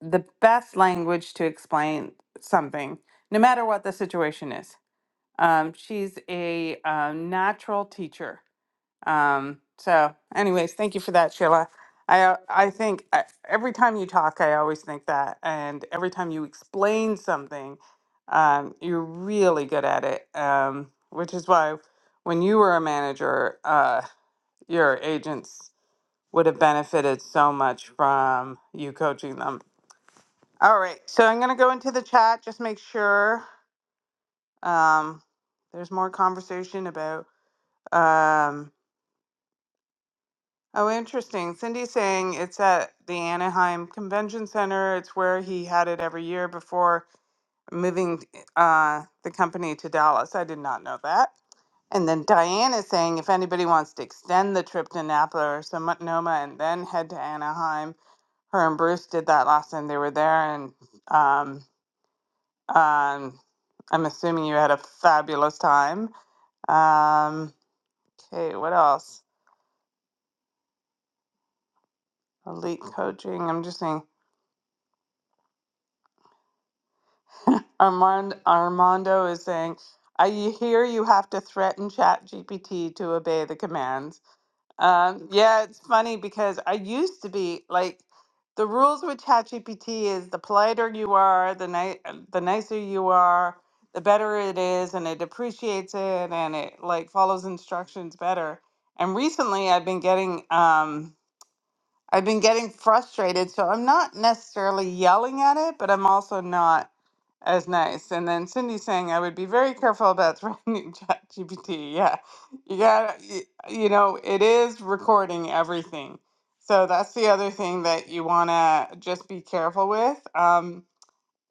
Speaker 1: the best language to explain something, no matter what the situation is. Um, she's a um, natural teacher. Um, so, anyways, thank you for that, Sheila. I uh, I think I, every time you talk, I always think that, and every time you explain something, um, you're really good at it. Um, which is why when you were a manager, uh, your agents would have benefited so much from you coaching them. All right, so I'm gonna go into the chat. Just make sure um, there's more conversation about Um, oh, interesting. Cindy's saying it's at the Anaheim Convention Center. It's where he had it every year before moving uh, the company to Dallas. I did not know that. And then Diane is saying if anybody wants to extend the trip to Napa or Sonoma and then head to Anaheim, her and Bruce did that last time they were there. And um, um, I'm assuming you had a fabulous time. Um, okay, what else? Elite coaching. I'm just saying. Armand, Armando is saying, I hear you have to threaten ChatGPT to obey the commands. Um, yeah, it's funny because I used to be like, the rules with ChatGPT is the politer you are, the ni- the nicer you are, the better it is, and it appreciates it, and it like follows instructions better. And recently, I've been getting um, I've been getting frustrated, so I'm not necessarily yelling at it, but I'm also not as nice. And then Cindy saying I would be very careful about threatening ChatGPT. Yeah, you got to you know it is recording everything, so that's the other thing that you want to just be careful with. Um,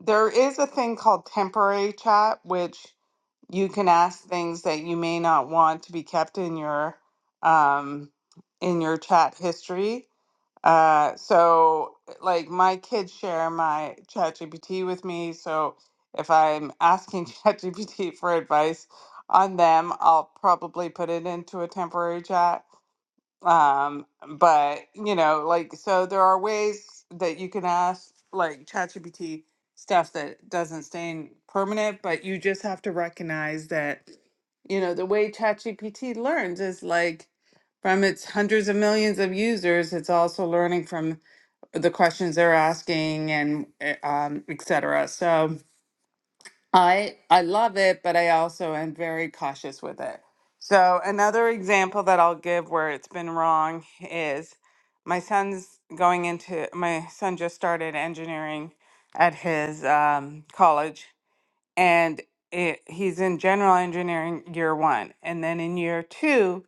Speaker 1: there is a thing called temporary chat, which you can ask things that you may not want to be kept in your um, in your chat history uh, so like my kids share my ChatGPT with me. So if I'm asking ChatGPT for advice on them, I'll probably put it into a temporary chat um, but you know, like so there are ways that you can ask like ChatGPT stuff that doesn't stay in permanent, but you just have to recognize that, you know, the way ChatGPT learns is like from its hundreds of millions of users, it's also learning from the questions they're asking and eh, um, et cetera. So I I love it, but I also am very cautious with it. So another example that I'll give where it's been wrong is my son's going into my son just started engineering at his um, college, and it, he's in general engineering year one and then in year two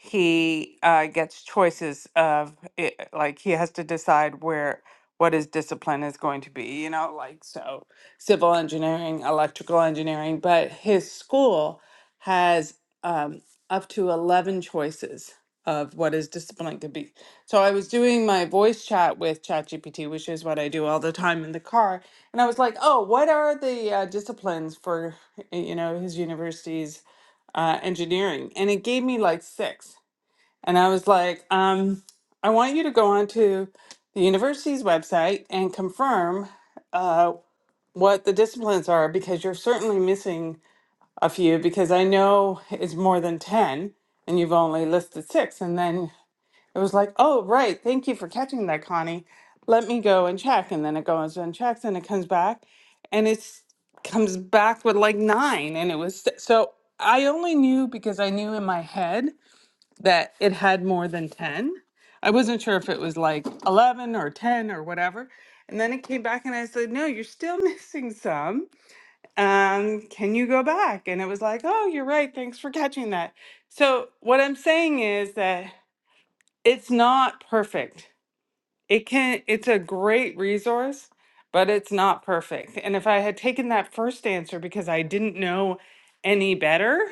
Speaker 1: he uh, gets choices of it, like he has to decide where what his discipline is going to be you know like so civil engineering electrical engineering but his school has um, up to 11 choices of what his discipline could be so i was doing my voice chat with chatgpt which is what i do all the time in the car and I was like, oh, what are the uh, disciplines for, you know, his university's uh, engineering? And it gave me like six. And I was like, um, I want you to go onto the university's website and confirm uh, what the disciplines are because you're certainly missing a few because I know it's more than 10 and you've only listed six. And then it was like, oh, right. Thank you for catching that, Connie. Let me go and check. And then it goes and checks and it comes back and it's comes back with like nine. And it was so I only knew because I knew in my head that it had more than 10. I wasn't sure if it was like 11 or 10 or whatever. And then it came back and I said, no, you're still missing some. Um, can you go back? And it was like, oh, you're right. Thanks for catching that. So what I'm saying is that it's not perfect it can it's a great resource but it's not perfect and if i had taken that first answer because i didn't know any better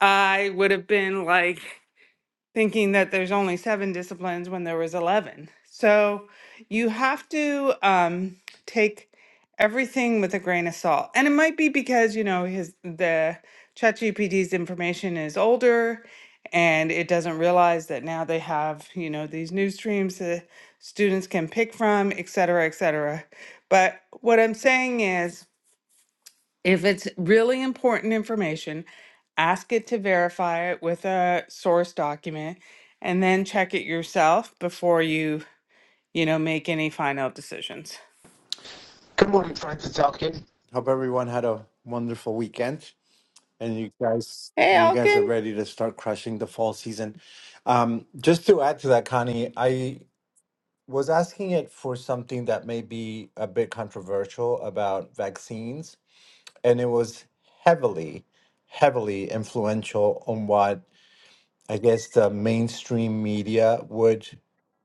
Speaker 1: i would have been like thinking that there's only seven disciplines when there was 11. So you have to um, take everything with a grain of salt. And it might be because, you know, his the ChatGPT's information is older and it doesn't realize that now they have, you know, these news streams that students can pick from, et cetera, et cetera. But what I'm saying is if it's really important information, ask it to verify it with a source document and then check it yourself before you, you know, make any final decisions.
Speaker 13: Good morning, friends, Francis Talkin. Hope everyone had a wonderful weekend and you guys
Speaker 1: Hey,
Speaker 13: and you guys are
Speaker 1: Elkin.
Speaker 13: ready to start crushing the fall season. Um, just to add to that, Connie, I was asking it for something that may be a bit controversial about vaccines, and it was heavily, heavily influential on what I guess the mainstream media would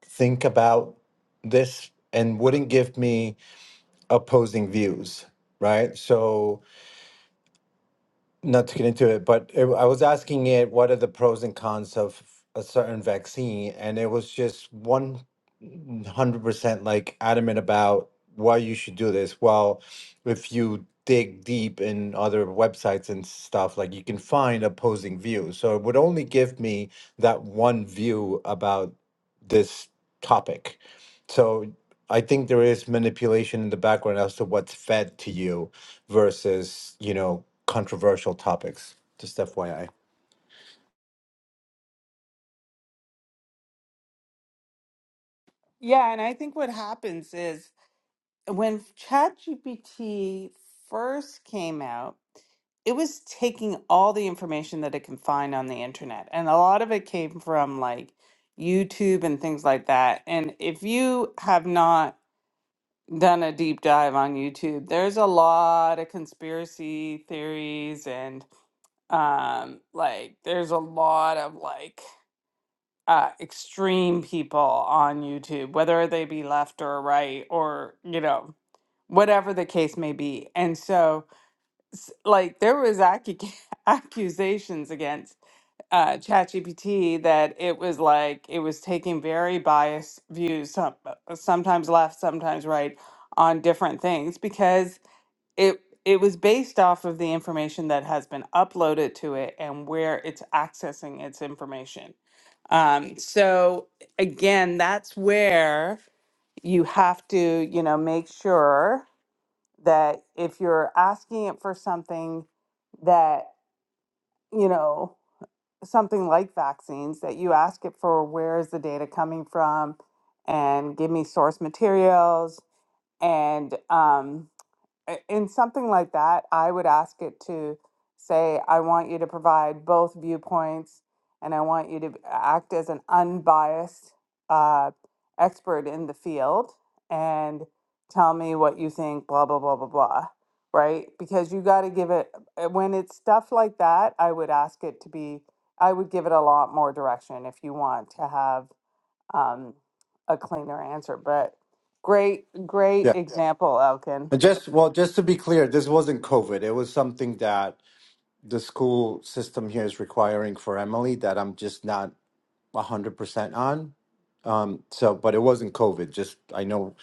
Speaker 13: think about this and wouldn't give me opposing views, right? So not to get into it, but it, I was asking it what are the pros and cons of a certain vaccine, and it was just one hundred percent like adamant about why you should do this. Well, if you dig deep in other websites and stuff, like you can find opposing views. So it would only give me that one view about this topic. So I think there is manipulation in the background as to what's fed to you versus you know controversial topics. Just FYI.
Speaker 1: Yeah, and I think what happens is when ChatGPT first came out, it was taking all the information that it can find on the internet. And a lot of it came from like YouTube and things like that. And if you have not done a deep dive on YouTube, there's a lot of conspiracy theories and um, like there's a lot of like uh, extreme people on YouTube, whether they be left or right or, you know, whatever the case may be. And so, s- like, there was accu- accusations against uh, ChatGPT that it was like it was taking very biased views, some, uh, sometimes left, sometimes right, on different things because it it was based off of the information that has been uploaded to it and where it's accessing its information. Um, so again, that's where you have to, you know, make sure that if you're asking it for something that, you know, something like vaccines, that you ask it for where is the data coming from and give me source materials and, um, i- in something like that, I would ask it to say, I want you to provide both viewpoints and I want you to b- act as an unbiased uh, expert in the field and tell me what you think, blah, blah, blah, blah, blah. Right? Because you got to give it, uh, when it's stuff like that, I would ask it to be, I would give it a lot more direction if you want to have um, a cleaner answer. But great, great
Speaker 13: Yeah.
Speaker 1: example, Elkin.
Speaker 13: And just well, just to be clear, this wasn't COVID. It was something that the school system here is requiring for Emily that I'm just not 100% on. Um, so, but it wasn't COVID. Just I know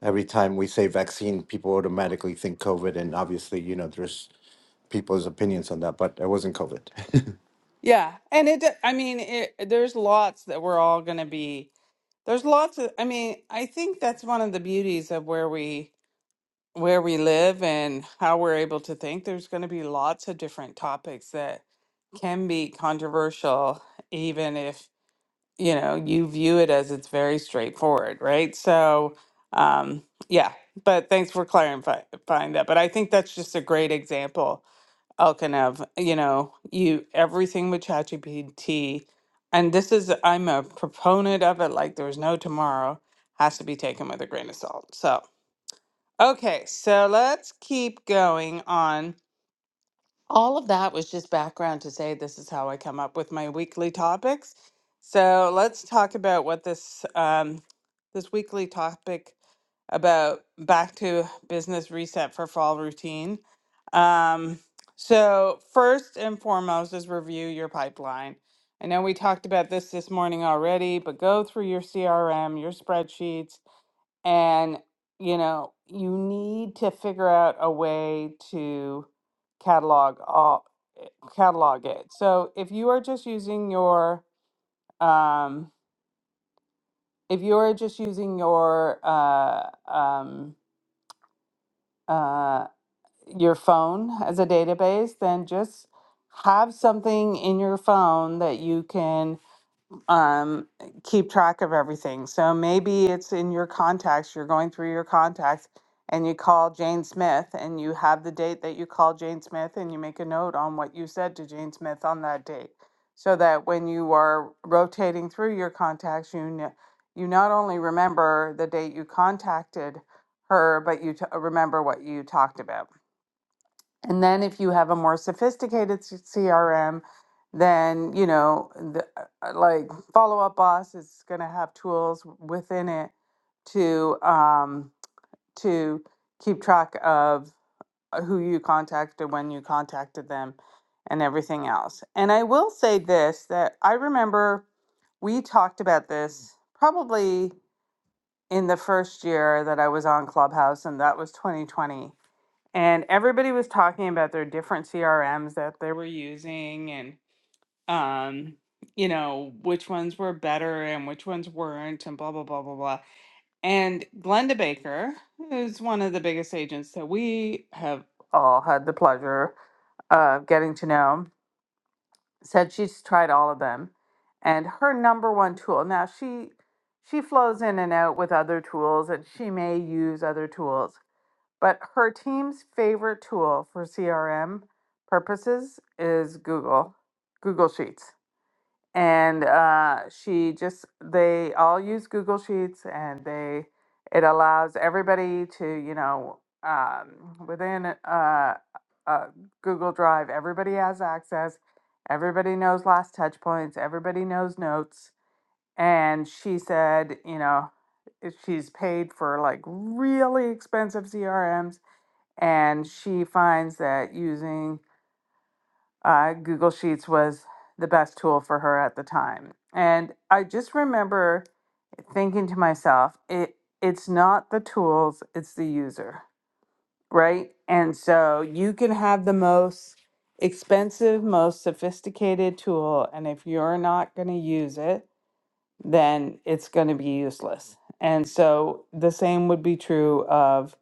Speaker 13: every time we say vaccine, people automatically think COVID, and obviously, you know, there's people's opinions on that, but it wasn't COVID.
Speaker 1: Yeah, and it, I mean, it, there's lots that we're all going to be. There's lots of, I mean, I think that's one of the beauties of where we where we live and how we're able to think. There's going to be lots of different topics that can be controversial, even if, you know, you view it as it's very straightforward, right? So, um, yeah, but thanks for clarifying that. But I think that's just a great example Elkinev, you know, you everything with ChatGPT, and this is I'm a proponent of it. Like there's no tomorrow, has to be taken with a grain of salt. So okay, so let's keep going on. All of that was just background to say this is how I come up with my weekly topics. So let's talk about what this um, this weekly topic about back to business reset for fall routine. Um, so first and foremost is review your pipeline. I know we talked about this this morning already, but go through your CRM, your spreadsheets, and, you know, you need to figure out a way to catalog all eh, catalog it. So if you are just using your um if you are just using your uh um uh your phone as a database, then just have something in your phone that you can um, keep track of everything. So maybe it's in your contacts, you're going through your contacts and you call Jane Smith and you have the date that you call Jane Smith and you make a note on what you said to Jane Smith on that date. So that when you are rotating through your contacts, you kn- you not only remember the date you contacted her, but you t- remember what you talked about. And then if you have a more sophisticated s- CRM, then, you know, the, uh, uh, like Follow Up Boss is going to have tools within it to um, to keep track of uh, who you contacted, when you contacted them, and everything else. And I will say this that I remember we talked about this probably in the first year that I was on Clubhouse, and that was 2020 and everybody was talking about their different CRMs that they were using and um you know which ones were better and which ones weren't and blah blah blah blah blah and Glenda Baker is one of the biggest agents that we have all had the pleasure of getting to know said she's tried all of them and her number one tool now she she flows in and out with other tools and she may use other tools but her team's favorite tool for CRM purposes is Google, Google Sheets. And uh, she just, they all use Google Sheets and they, it allows everybody to, you know, um, within uh, uh, uh, Google Drive, everybody has access. Everybody knows last touch points. Everybody knows notes. And she said, you know, if she's paid for like really expensive CRMs and she finds that using uh, Google Sheets was the best tool for her at the time. And I just remember thinking to myself, it it's not the tools, it's the user, right? And so you can have the most expensive, most sophisticated tool, and if you're not going to use it, then it's going to be useless. And so the same would be true of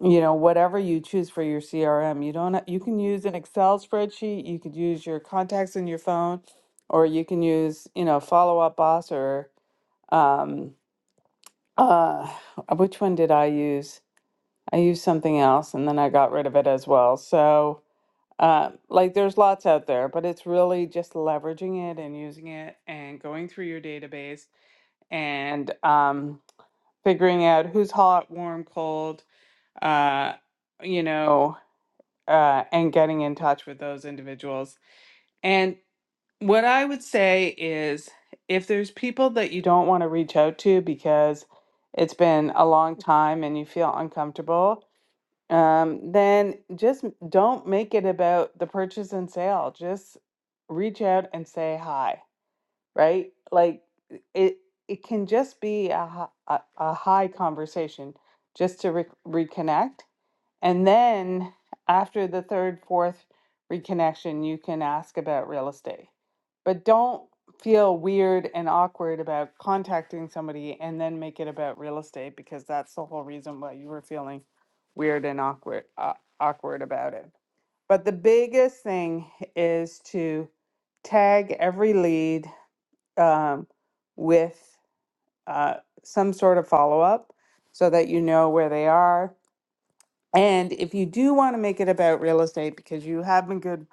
Speaker 1: you know whatever you choose for your crm you don't ha- you can use an excel spreadsheet you could use your contacts in your phone or you can use you know follow up boss or um uh which one did i use i used something else and then i got rid of it as well so uh, like there's lots out there but it's really just leveraging it and using it and going through your database and um figuring out who's hot warm cold uh you know uh, and getting in touch with those individuals. And what I would say is if there's people that you don't want to reach out to because it's been a long time and you feel uncomfortable, um, then just m- don't make it about the purchase and sale. Just reach out and say hi, right? Like it, it can just be a, hi- a, a high conversation just to re- reconnect and then after the third, fourth reconnection, you can ask about real estate. But don't feel weird and awkward about contacting somebody and then make it about real estate because that's the whole reason why you were feeling weird and awkward uh, awkward about it. But the biggest thing is to tag every lead um, with uh, some sort of follow up so that you know where they are and if you do want to make it about real estate because you have been good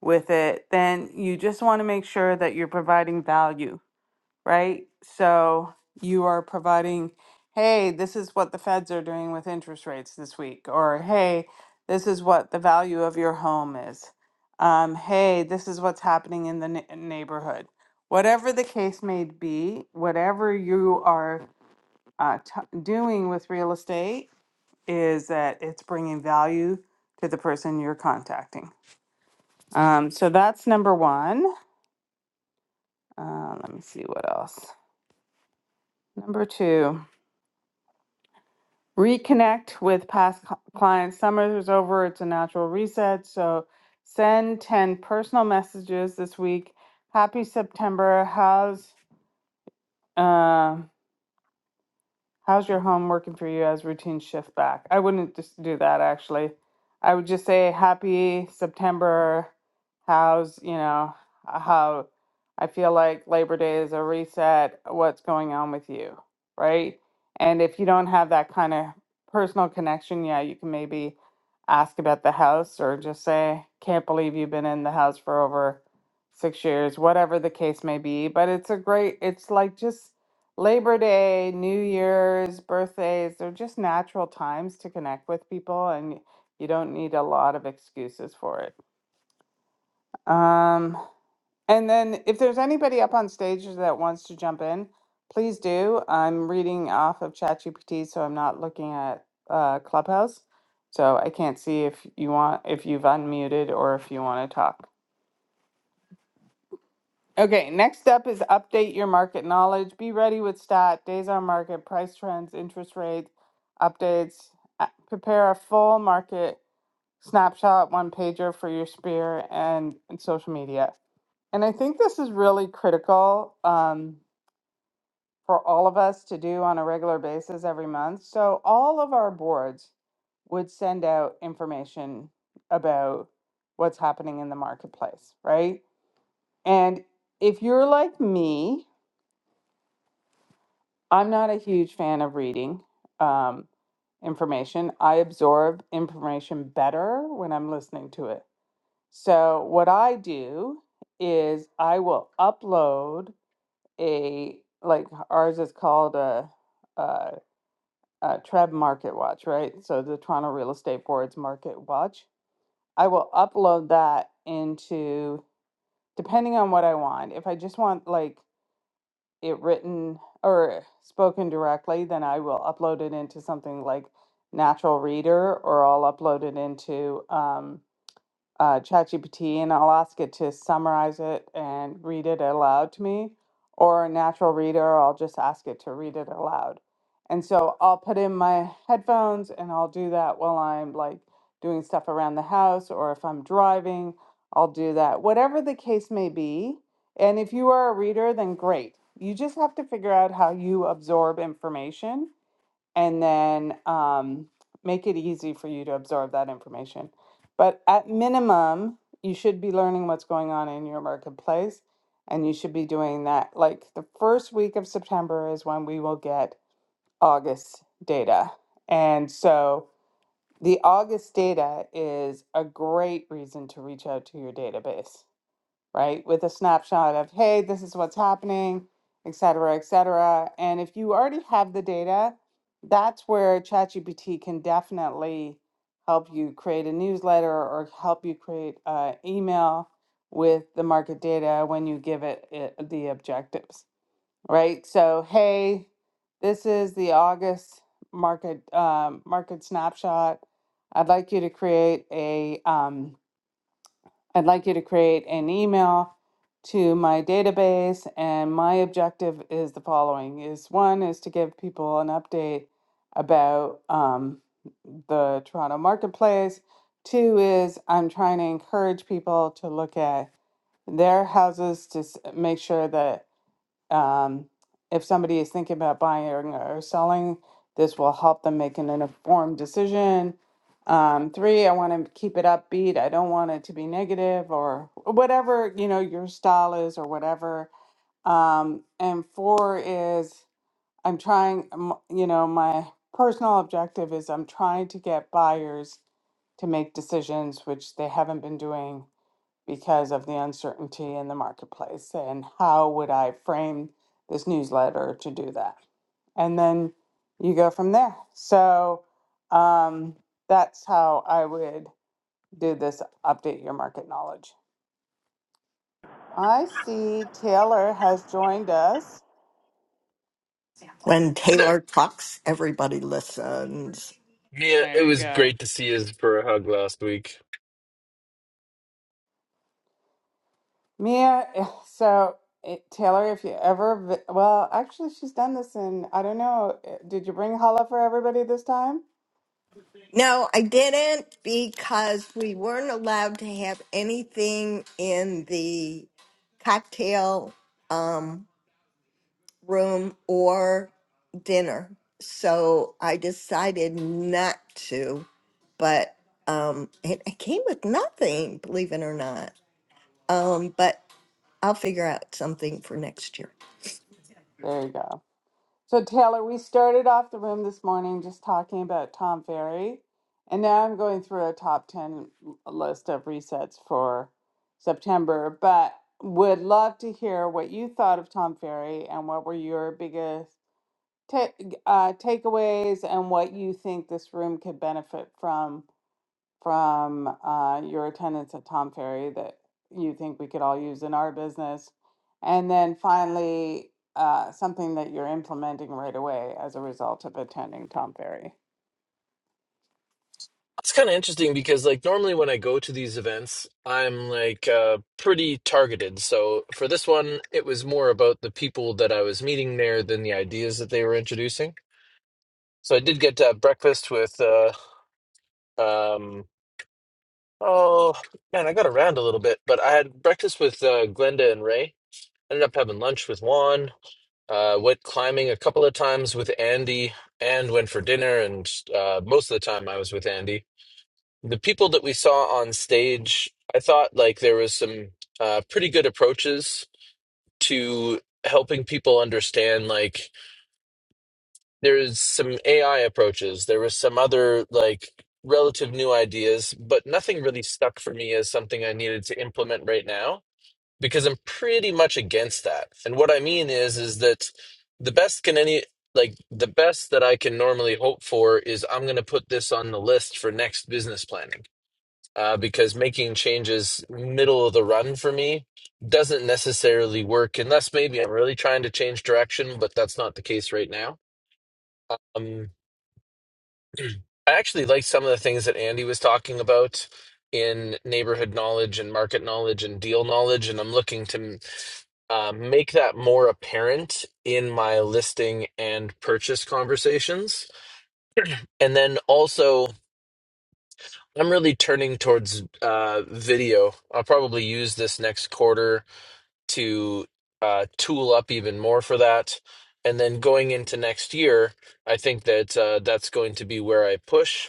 Speaker 1: with it, then you just want to make sure that you're providing value, right? So you are providing, hey, this is what the feds are doing with interest rates this week, or hey, this is what the value of your home is. Um, hey, this is what's happening in the ne- neighborhood. Whatever the case may be, whatever you are uh, t- doing with real estate, is that it's bringing value to the person you're contacting. Um, so that's number one. Uh, let me see what else. Number two, reconnect with past cl- clients. Summer is over, it's a natural reset. So send 10 personal messages this week. Happy September. How's. um How's your home working for you as routine shift back? I wouldn't just do that actually. I would just say happy September. How's, you know, uh, how I feel like Labor Day is a reset. What's going on with you? Right. And if you don't have that kind of personal connection, yeah, you can maybe ask about the house or just say, can't believe you've been in the house for over six years, whatever the case may be. But it's a great, it's like just, Labor Day, New Year's, birthdays, they're just natural times to connect with people and you don't need a lot of excuses for it. Um, and then if there's anybody up on stage that wants to jump in, please do. I'm reading off of ChatGPT, so I'm not looking at uh, Clubhouse. So I can't see if you want if you've unmuted or if you want to talk. Okay, next up is update your market knowledge. Be ready with stat, days on market, price trends, interest rates, updates. Uh, Prepare a full market snapshot, one pager for your sphere and, and social media. And I think this is really critical um, for all of us to do on a regular basis every month. So all of our boards would send out information about what's happening in the marketplace, right? And if you're like me, I'm not a huge fan of reading um, information. I absorb information better when I'm listening to it. So what I do is I will upload a like ours is called a, a, a Treb Market Watch, right? So the Toronto Real Estate Board's Market Watch. I will upload that into depending on what I want. If I just want like it written or spoken directly, then I will upload it into something like Natural Reader or I'll upload it into um, uh, ChatGPT and I'll ask it to summarize it and read it aloud to me, or a natural reader, I'll just ask it to read it aloud. And so I'll put in my headphones and I'll do that while I'm like doing stuff around the house, or if I'm driving, I'll do that, whatever the case may be. And if you are a reader, then great. You just have to figure out how you absorb information and then um, make it easy for you to absorb that information. But at minimum, you should be learning what's going on in your marketplace, and you should be doing that. Like the first week of September is when we will get August data. And so the August data is a great reason to reach out to your database right? With a snapshot of, hey, this is what's happening, et cetera, et cetera. And if you already have the data, that's where ChatGPT can definitely help you create a newsletter or help you create an email with the market data when you give it, it the objectives, right? So, hey, this is the August market um, market snapshot. I'd like you to create a um, I'd like you to create an email to my database and my objective is the following is one is to give people an update about um, the Toronto marketplace. Two is I'm trying to encourage people to look at their houses to s- make sure that um, if somebody is thinking about buying or selling, this will help them make an informed decision. Um, three, I want to keep it upbeat. I don't want it to be negative or whatever, you know, your style is or whatever. Um, and four is I'm trying, um, you know, my personal objective is I'm trying to get buyers to make decisions, which they haven't been doing because of the uncertainty in the marketplace. And how would I frame this newsletter to do that? And then you go from there. So um, that's how I would do this update your market knowledge. I see Taylor has joined us.
Speaker 3: When
Speaker 14: Hey there.
Speaker 3: Taylor talks, everybody listens.
Speaker 14: Yeah, it
Speaker 1: There you
Speaker 14: was
Speaker 1: go.
Speaker 14: great to see you for a hug last week.
Speaker 1: Mia, eh, so it, Taylor, if you ever, vi- well, actually, she's done this in, I don't know, eh, did you bring Hala for everybody this time?
Speaker 3: No, I didn't because we weren't allowed to have anything in the cocktail um, room or dinner. So I decided not to, but um, it, it came with nothing, believe it or not. Um, but I'll figure out something for next year.
Speaker 1: There you go. So, Taylor, we started off the room this morning just talking about Tom Ferry, and now I'm going through a top 10 list of resets for September, but would love to hear what you thought of Tom Ferry and what were your biggest ta- uh, takeaways and what you think this room could benefit from from uh, your attendance at Tom Ferry that you think we could all use in our business. And then finally, uh, something that you're implementing right away as a result of attending Tom Ferry.
Speaker 14: It's kind of interesting because, like, normally when I go to these events, I'm like uh, pretty targeted. So for this one, it was more about the people that I was meeting there than the ideas that they were introducing. So I did get to have breakfast with, uh, um, oh man, I got around a little bit, but I had breakfast with uh, Glenda and Ray. Ended up having lunch with Juan. Uh, went climbing a couple of times with Andy and went for dinner. And uh, most of the time I was with Andy. The people that we saw on stage, I thought like there was some uh, pretty good approaches to helping people understand. Like there's some AI approaches, there was some other like relative new ideas, but nothing really stuck for me as something I needed to implement right now because I'm pretty much against that. And what I mean is is that the best can any like the best that I can normally hope for is I'm going to put this on the list for next business planning. Uh, because making changes middle of the run for me doesn't necessarily work unless maybe I'm really trying to change direction, but that's not the case right now. Um, I actually like some of the things that Andy was talking about in neighborhood knowledge and market knowledge and deal knowledge, and I'm looking to um, make that more apparent in my listing and purchase conversations. And then also, I'm really turning towards uh, video. I'll probably use this next quarter to uh, tool up even more for that. And then going into next year, I think that uh, that's going to be where I push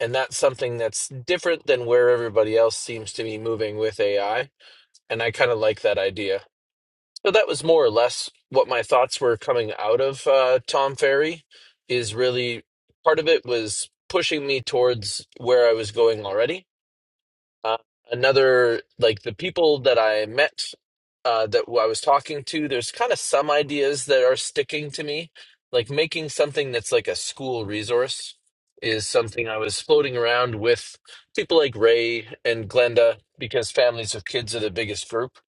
Speaker 14: and that's something that's different than where everybody else seems to be moving with AI. And I kind of like that idea. So that was more or less what my thoughts were coming out of uh, Tom Ferry. Is really part of it was pushing me towards where I was going already uh, another, like the people that I met uh, that I was talking to, there's kind of some ideas that are sticking to me. Like making something that's like a school resource is something I was floating around with people like Ray and Glenda because families of kids are the biggest group.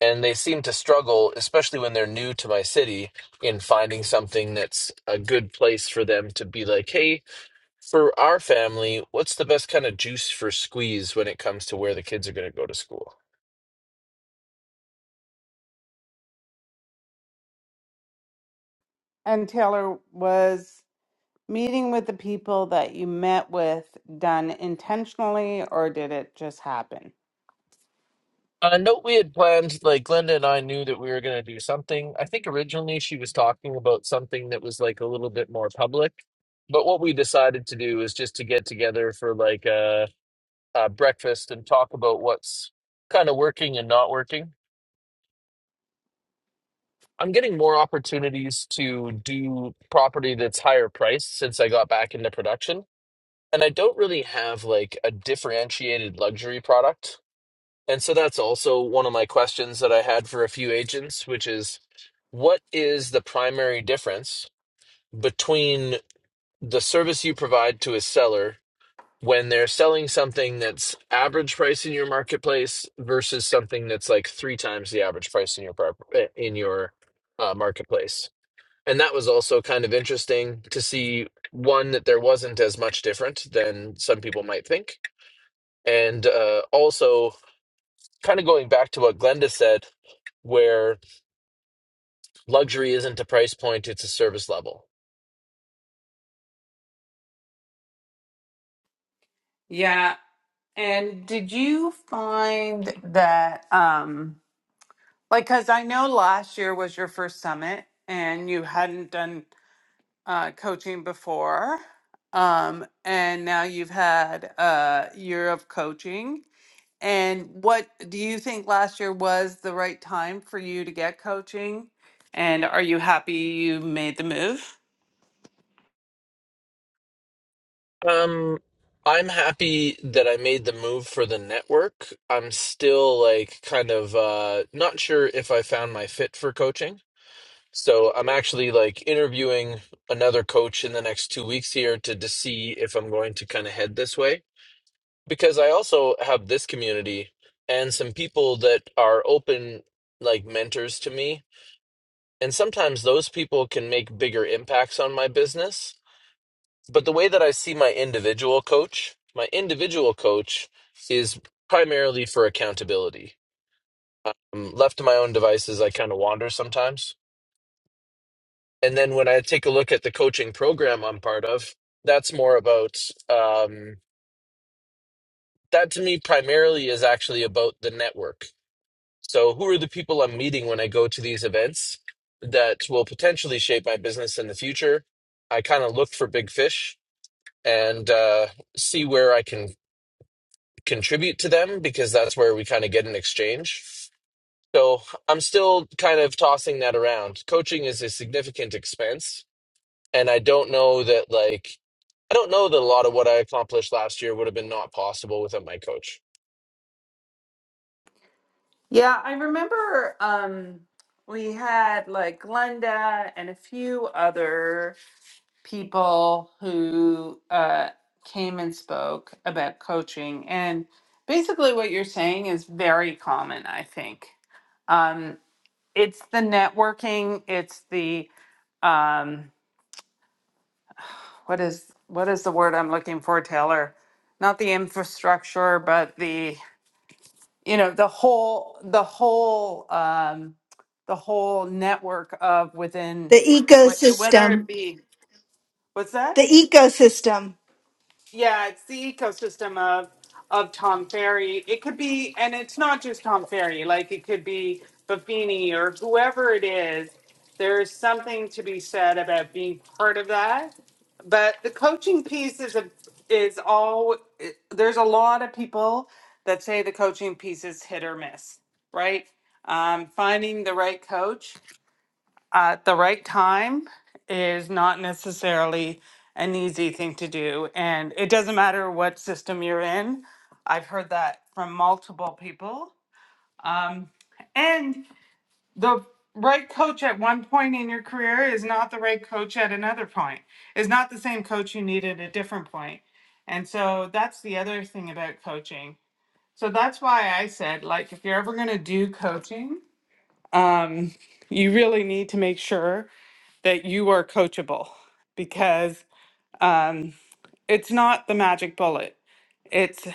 Speaker 14: And they seem to struggle, especially when they're new to my city, in finding something that's a good place for them to be like, hey, for our family, what's the best kind of juice for squeeze when it comes to where the kids are going to go to school?
Speaker 1: And Taylor was meeting with the people that you met with done intentionally or did it just happen?
Speaker 14: Uh, no, we had planned, like Glenda and I knew that we were going to do something. I think originally she was talking about something that was like a little bit more public. But what we decided to do is just to get together for like a, a breakfast and talk about what's kind of working and not working. I'm getting more opportunities to do property that's higher priced since I got back into production. and I don't really have like a differentiated luxury product. And so that's also one of my questions that I had for a few agents, which is what is the primary difference between the service you provide to a seller when they're selling something that's average price in your marketplace versus something that's like three times the average price in your prop- eh, in your uh, marketplace? And that was also kind of interesting to see one that there wasn't as much different than some people might think and uh, also, kind of going back to what Glenda said, where luxury isn't a price point, it's a service level.
Speaker 1: Yeah. And did you find that, um, like, because I know last year was your first summit and you hadn't done uh, coaching before, um, and now you've had a year of coaching. And what do you think last year was the right time for you to get coaching? And are you happy you made the move?
Speaker 14: Um, I'm happy that I made the move for the network. I'm still like kind of uh, not sure if I found my fit for coaching. So I'm actually like interviewing another coach in the next two weeks here to, to see if I'm going to kind of head this way. Because I also have this community and some people that are open like mentors to me And sometimes those people can make bigger impacts on my business. But the way that I see my individual coach, my individual coach is primarily for accountability. Um, left to my own devices, I kind of wander sometimes. And then when I take a look at the coaching program I'm part of, that's more about um, that to me primarily is actually about the network So, who are the people I'm meeting when I go to these events that will potentially shape my business in the future? I kind of look for big fish and uh, see where I can contribute to them because that's where we kind of get an exchange. So, I'm still kind of tossing that around. Coaching is a significant expense, and I don't know that, like, I don't know that a lot of what I accomplished last year would have been not possible without my coach
Speaker 1: Yeah, I remember um, we had like Glenda and a few other people who uh, came and spoke about coaching. And basically, what you're saying is very common, I think. Um, it's the networking, it's the um, what is what is the word I'm looking for, Taylor? Not the infrastructure, but the you know the whole the whole um, the whole network of within
Speaker 12: The
Speaker 1: wh- whether it
Speaker 12: ecosystem.
Speaker 1: be what's that?
Speaker 12: The ecosystem.
Speaker 1: yeah, it's the ecosystem of of Tom Ferry. It could be, and it's not just Tom Ferry. Like it could be Buffini or whoever it is. There's something to be said about being part of that. But the coaching piece is a is all. There's a lot of people that say the coaching piece is hit or miss, right? Um, finding the right coach at the right time is not necessarily an easy thing to do. And it doesn't matter what system you're in. I've heard that from multiple people. Um, and the right coach at one point in your career is not the right coach at another point, is not the same coach you need at a different point. And so that's the other thing about coaching. So that's why I said, like, if you're ever going to do coaching, um, you really need to make sure that you are coachable because um, it's not the magic bullet. It's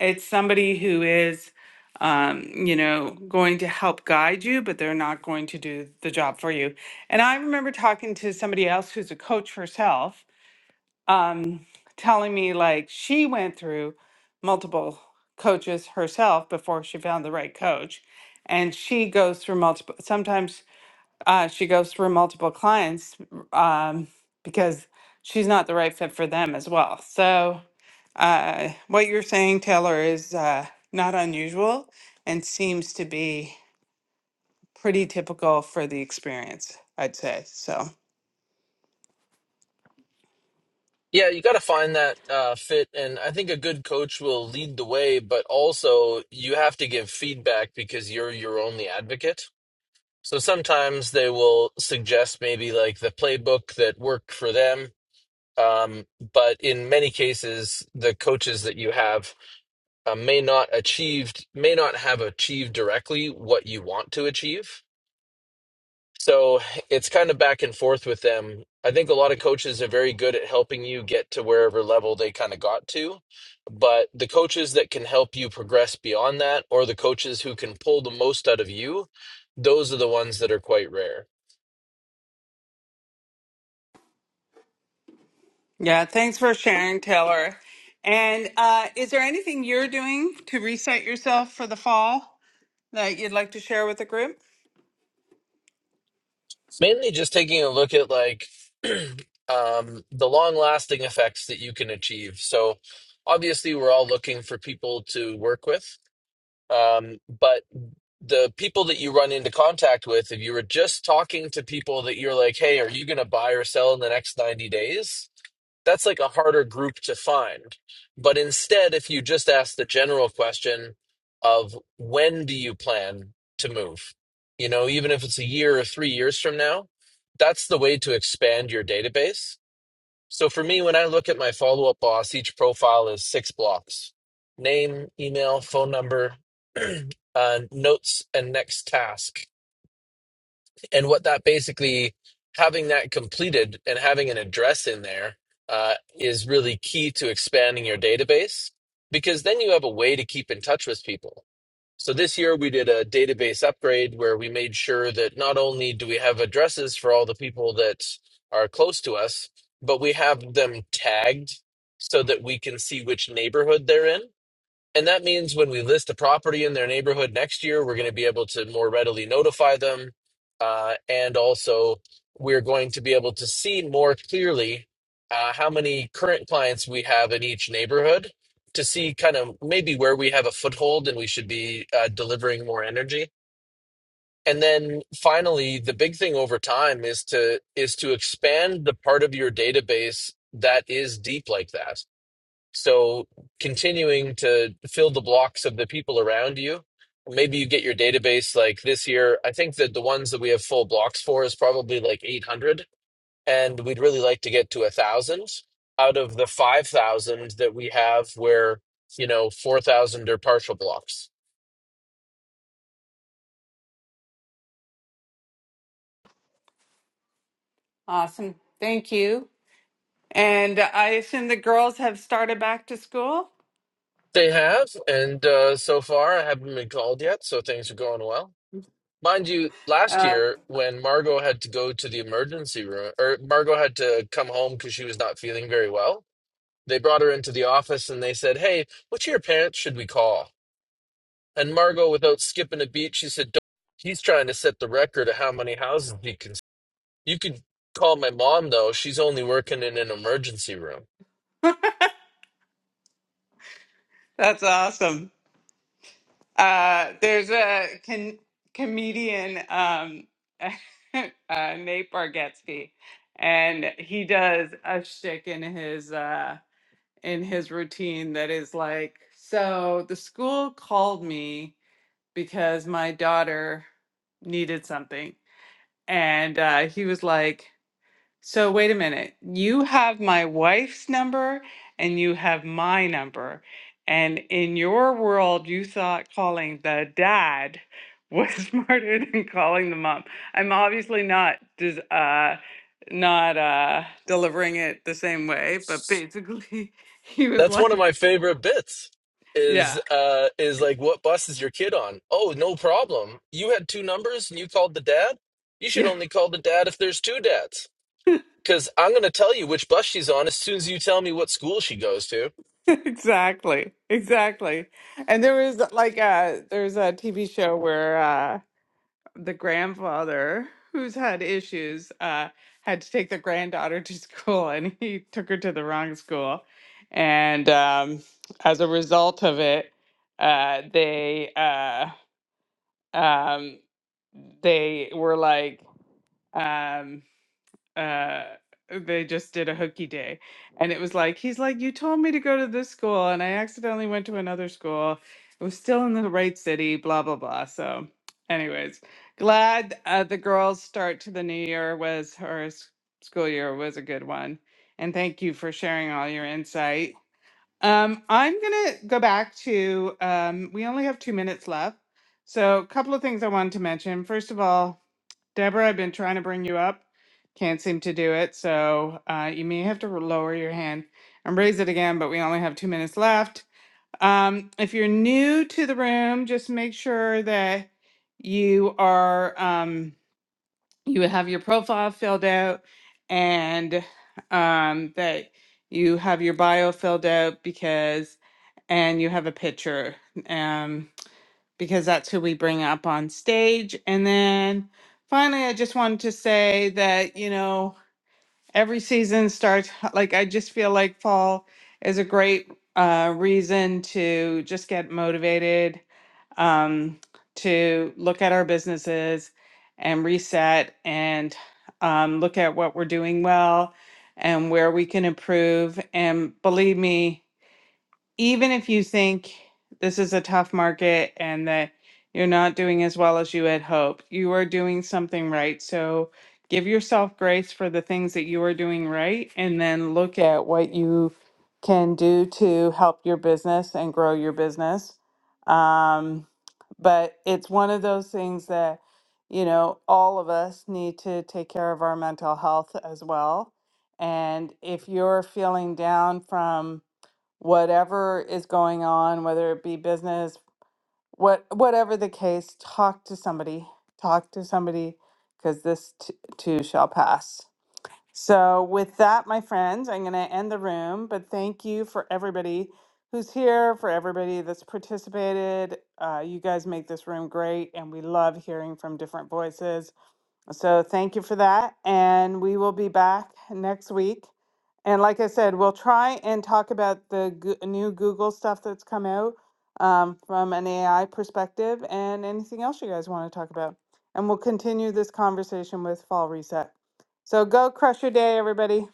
Speaker 1: it's somebody who is, um, you know, going to help guide you, but they're not going to do the job for you. And I remember talking to somebody else who's a coach herself, um, telling me like she went through multiple coaches herself before she found the right coach, and she goes through multiple sometimes uh, she goes through multiple clients um, because she's not the right fit for them as well. So, uh, what you're saying, Taylor, is uh, not unusual and seems to be pretty typical for the experience, I'd say. So,
Speaker 14: Yeah, you got to find that uh, fit, and I think a good coach will lead the way, but also you have to give feedback because you're your only advocate. So sometimes they will suggest maybe like the playbook that worked for them, um, but in many cases, the coaches that you have uh, may not achieved may not have achieved directly what you want to achieve so it's kind of back and forth with them. I think a lot of coaches are very good at helping you get to wherever level they kind of got to. But the coaches that can help you progress beyond that, or the coaches who can pull the most out of you, those are the ones that are quite rare.
Speaker 1: yeah, thanks for sharing, Taylor. And uh, is there anything you're doing to reset yourself for the fall that you'd like to share with the group?
Speaker 14: Mainly just taking a look at like um, the long lasting effects that you can achieve. So obviously, we're all looking for people to work with. Um, but the people that you run into contact with, if you were just talking to people that you're like, hey, are you going to buy or sell in the next 90 days? That's like a harder group to find. But instead, if you just ask the general question of when do you plan to move? You know, even if it's a year or three years from now, that's the way to expand your database so for me, when I look at my follow up boss, each profile is six blocks name, email, phone number, uh, notes, and next task and what that basically having that completed and having an address in there uh, is really key to expanding your database because then you have a way to keep in touch with people so this year we did a database upgrade where we made sure that not only do we have addresses for all the people that are close to us but we have them tagged so that we can see which neighborhood they're in and that means when we list a property in their neighborhood next year, we're going to be able to more readily notify them. Uh, and also, we're going to be able to see more clearly uh, how many current clients we have in each neighborhood to see kind of maybe where we have a foothold and we should be uh, delivering more energy. And then finally, the big thing over time is to is to expand the part of your database that is deep like that so continuing to fill the blocks of the people around you. Maybe you get your database like this year. I think that the ones that we have full blocks for is probably like 800, and we'd really like to get to a 1,000 out of the 5,000 that we have where, you know, 4,000 are partial blocks.
Speaker 1: Awesome. Thank you. And I assume the girls have started back to school?
Speaker 14: They have, and uh, so far I haven't been called yet, so things are going well. Mind you, last
Speaker 1: Um,
Speaker 14: year when Margot had to go to the emergency room, or Margot had to come home because she was not feeling very well, they brought her into the office and they said, Hey, which of your parents should we call? And Margot, without skipping a beat, she said, "Don't- He's trying to set the record of how many houses he can. You could call my mom, though. She's only working in an emergency room.
Speaker 1: That's awesome. Uh, there's a con- comedian, um, uh, Nate Bargatze, and he does a shtick in his uh, in his routine that is like, so the school called me because my daughter needed something, and uh, he was like. So wait a minute. You have my wife's number and you have my number. And in your world, you thought calling the dad was smarter than calling the mom. I'm obviously not dis- uh not uh delivering it the same way, but basically he was
Speaker 14: That's
Speaker 1: like,
Speaker 14: one of my favorite bits.
Speaker 1: yeah,
Speaker 14: Is uh is like what bus is your kid on? Oh, no problem. You had two numbers and you called the dad? You should
Speaker 1: yeah.
Speaker 14: only call the dad if there's two dads. Cause I'm gonna tell you which bus she's on as soon as you tell me what school she goes to.
Speaker 1: Exactly. Exactly. And there was like a there's a TV show where uh the grandfather who's had issues uh, had to take the granddaughter to school and he took her to the wrong school and um, as a result of it uh, they uh, um, they were like um, uh they just did a hooky day and it was like he's like you told me to go to this school and i accidentally went to another school it was still in the right city blah blah blah so anyways glad uh, the girls start to the new year was her s- school year was a good one and thank you for sharing all your insight um i'm gonna go back to um we only have two minutes left so a couple of things i wanted to mention first of all Deborah, I've been trying to bring you up. Can't seem to do it, so uh, you may have to lower your hand and raise it again, but we only have two minutes left. Um, if you're new to the room, just make sure that you are um, you have your profile filled out and um, that you have your bio filled out because and you have a picture. Um, because that's who we bring up on stage. And then finally, I just wanted to say that, you know, every season starts, like, I just feel like fall is a great uh, reason to just get motivated, um, to look at our businesses and reset and um, look at what we're doing well and where we can improve. And believe me, even if you think this is a tough market and that you're not doing as well as you had hoped, you are doing something right. So give yourself grace for the things that you are doing right and then look at what you can do to help your business and grow your business. Um, but it's one of those things that, you know, all of us need to take care of our mental health as well. And if you're feeling down from, whatever is going on, whether it be business, what whatever the case, talk to somebody. Talk to somebody because this t- too shall pass. So, with that, my friends, I'm going to end the room, but thank you for everybody who's here, for everybody that's participated. Uh, you guys make this room great, and we love hearing from different voices. So thank you for that. And we will be back next week. And like I said, we'll try and talk about the goo- new Google stuff that's come out um, from an AI perspective and anything else you guys want to talk about. And we'll continue this conversation with Fall Reset. So go crush your day, everybody.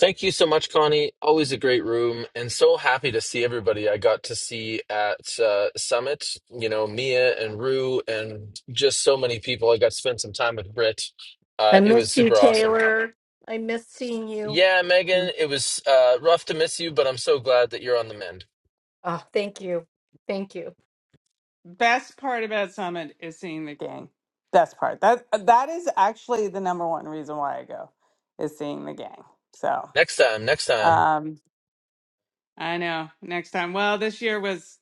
Speaker 14: Thank you so much, Connie. Always a great room and so happy to see everybody I got to see at uh, Summit. You know, Mia and Rue and just so many people. I got to spend some time with Britt. Uh,
Speaker 6: I
Speaker 14: it was
Speaker 6: miss you,
Speaker 14: super awesome.
Speaker 6: Taylor. I miss seeing you.
Speaker 14: Yeah,
Speaker 1: Mm.
Speaker 14: Megan, it was uh, rough to miss you, but I'm so glad that you're on the mend.
Speaker 6: Oh, thank you. Thank you.
Speaker 1: Best part about Summit is seeing the gang. Best part. That that is actually the number one reason why I go is seeing the gang. So.
Speaker 14: Next time, next time.
Speaker 1: um, I know. Next time. Well, this year was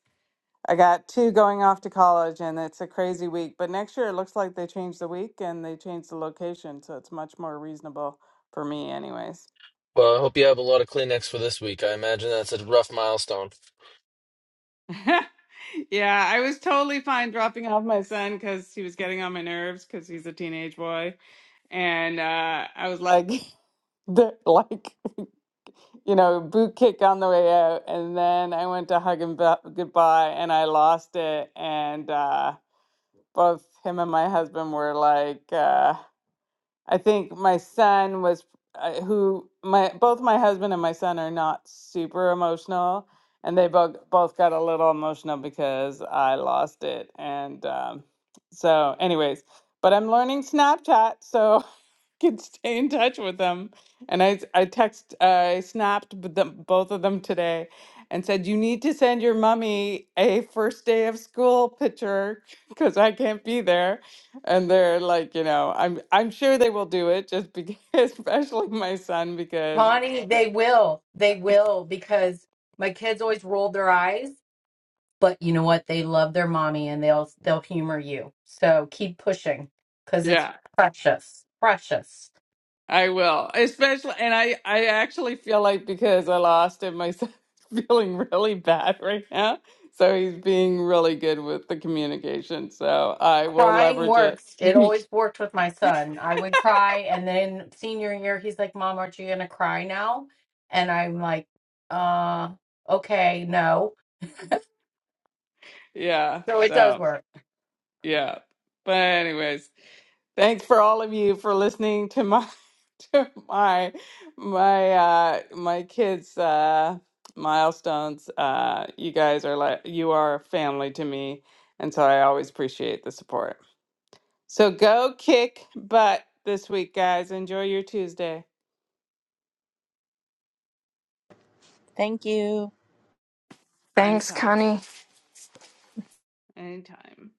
Speaker 1: I got two going off to college and it's a crazy week. But next year it looks like they changed the week and they changed the location, so it's much more reasonable for me anyways.
Speaker 14: Well, I hope you have a lot of Kleenex for this week. I imagine that's a rough milestone.
Speaker 1: yeah, I was totally fine dropping off my son cuz he was getting on my nerves cuz he's a teenage boy and uh I was like the- like you know, boot kick on the way out and then I went to hug him bu- goodbye and I lost it and uh both him and my husband were like uh i think my son was uh, who my both my husband and my son are not super emotional and they both both got a little emotional because i lost it and um so anyways but i'm learning snapchat so can stay in touch with them. And I I text uh, I snapped b- them, both of them today and said you need to send your mummy a first day of school picture because I can't be there. And they're like, you know, I'm I'm sure they will do it just because especially my son because
Speaker 6: Bonnie, they will. They will because my kids always roll their eyes, but you know what? They love their mommy and they'll they'll humor you. So keep pushing because
Speaker 1: yeah,
Speaker 6: it's precious. Precious.
Speaker 1: I will, especially, and I I actually feel like because I lost him, my son's feeling really bad right now. So he's being really good with the communication. So I will
Speaker 6: Crying
Speaker 1: leverage it.
Speaker 6: works. It always worked with my son. I would cry and then senior year he's like, Mom, aren't you gonna cry now? And I'm like, uh, okay, no.
Speaker 1: yeah.
Speaker 6: So it does
Speaker 1: So
Speaker 6: work.
Speaker 1: yeah. But anyways, thanks for all of you for listening to my to my my uh my kids uh milestones. Uh you guys are like you are family to me. And so I always appreciate the support. So go kick butt this week, guys. Enjoy your Tuesday.
Speaker 15: Thank you.
Speaker 16: Thanks,
Speaker 1: Anytime.
Speaker 16: Connie.
Speaker 1: Anytime.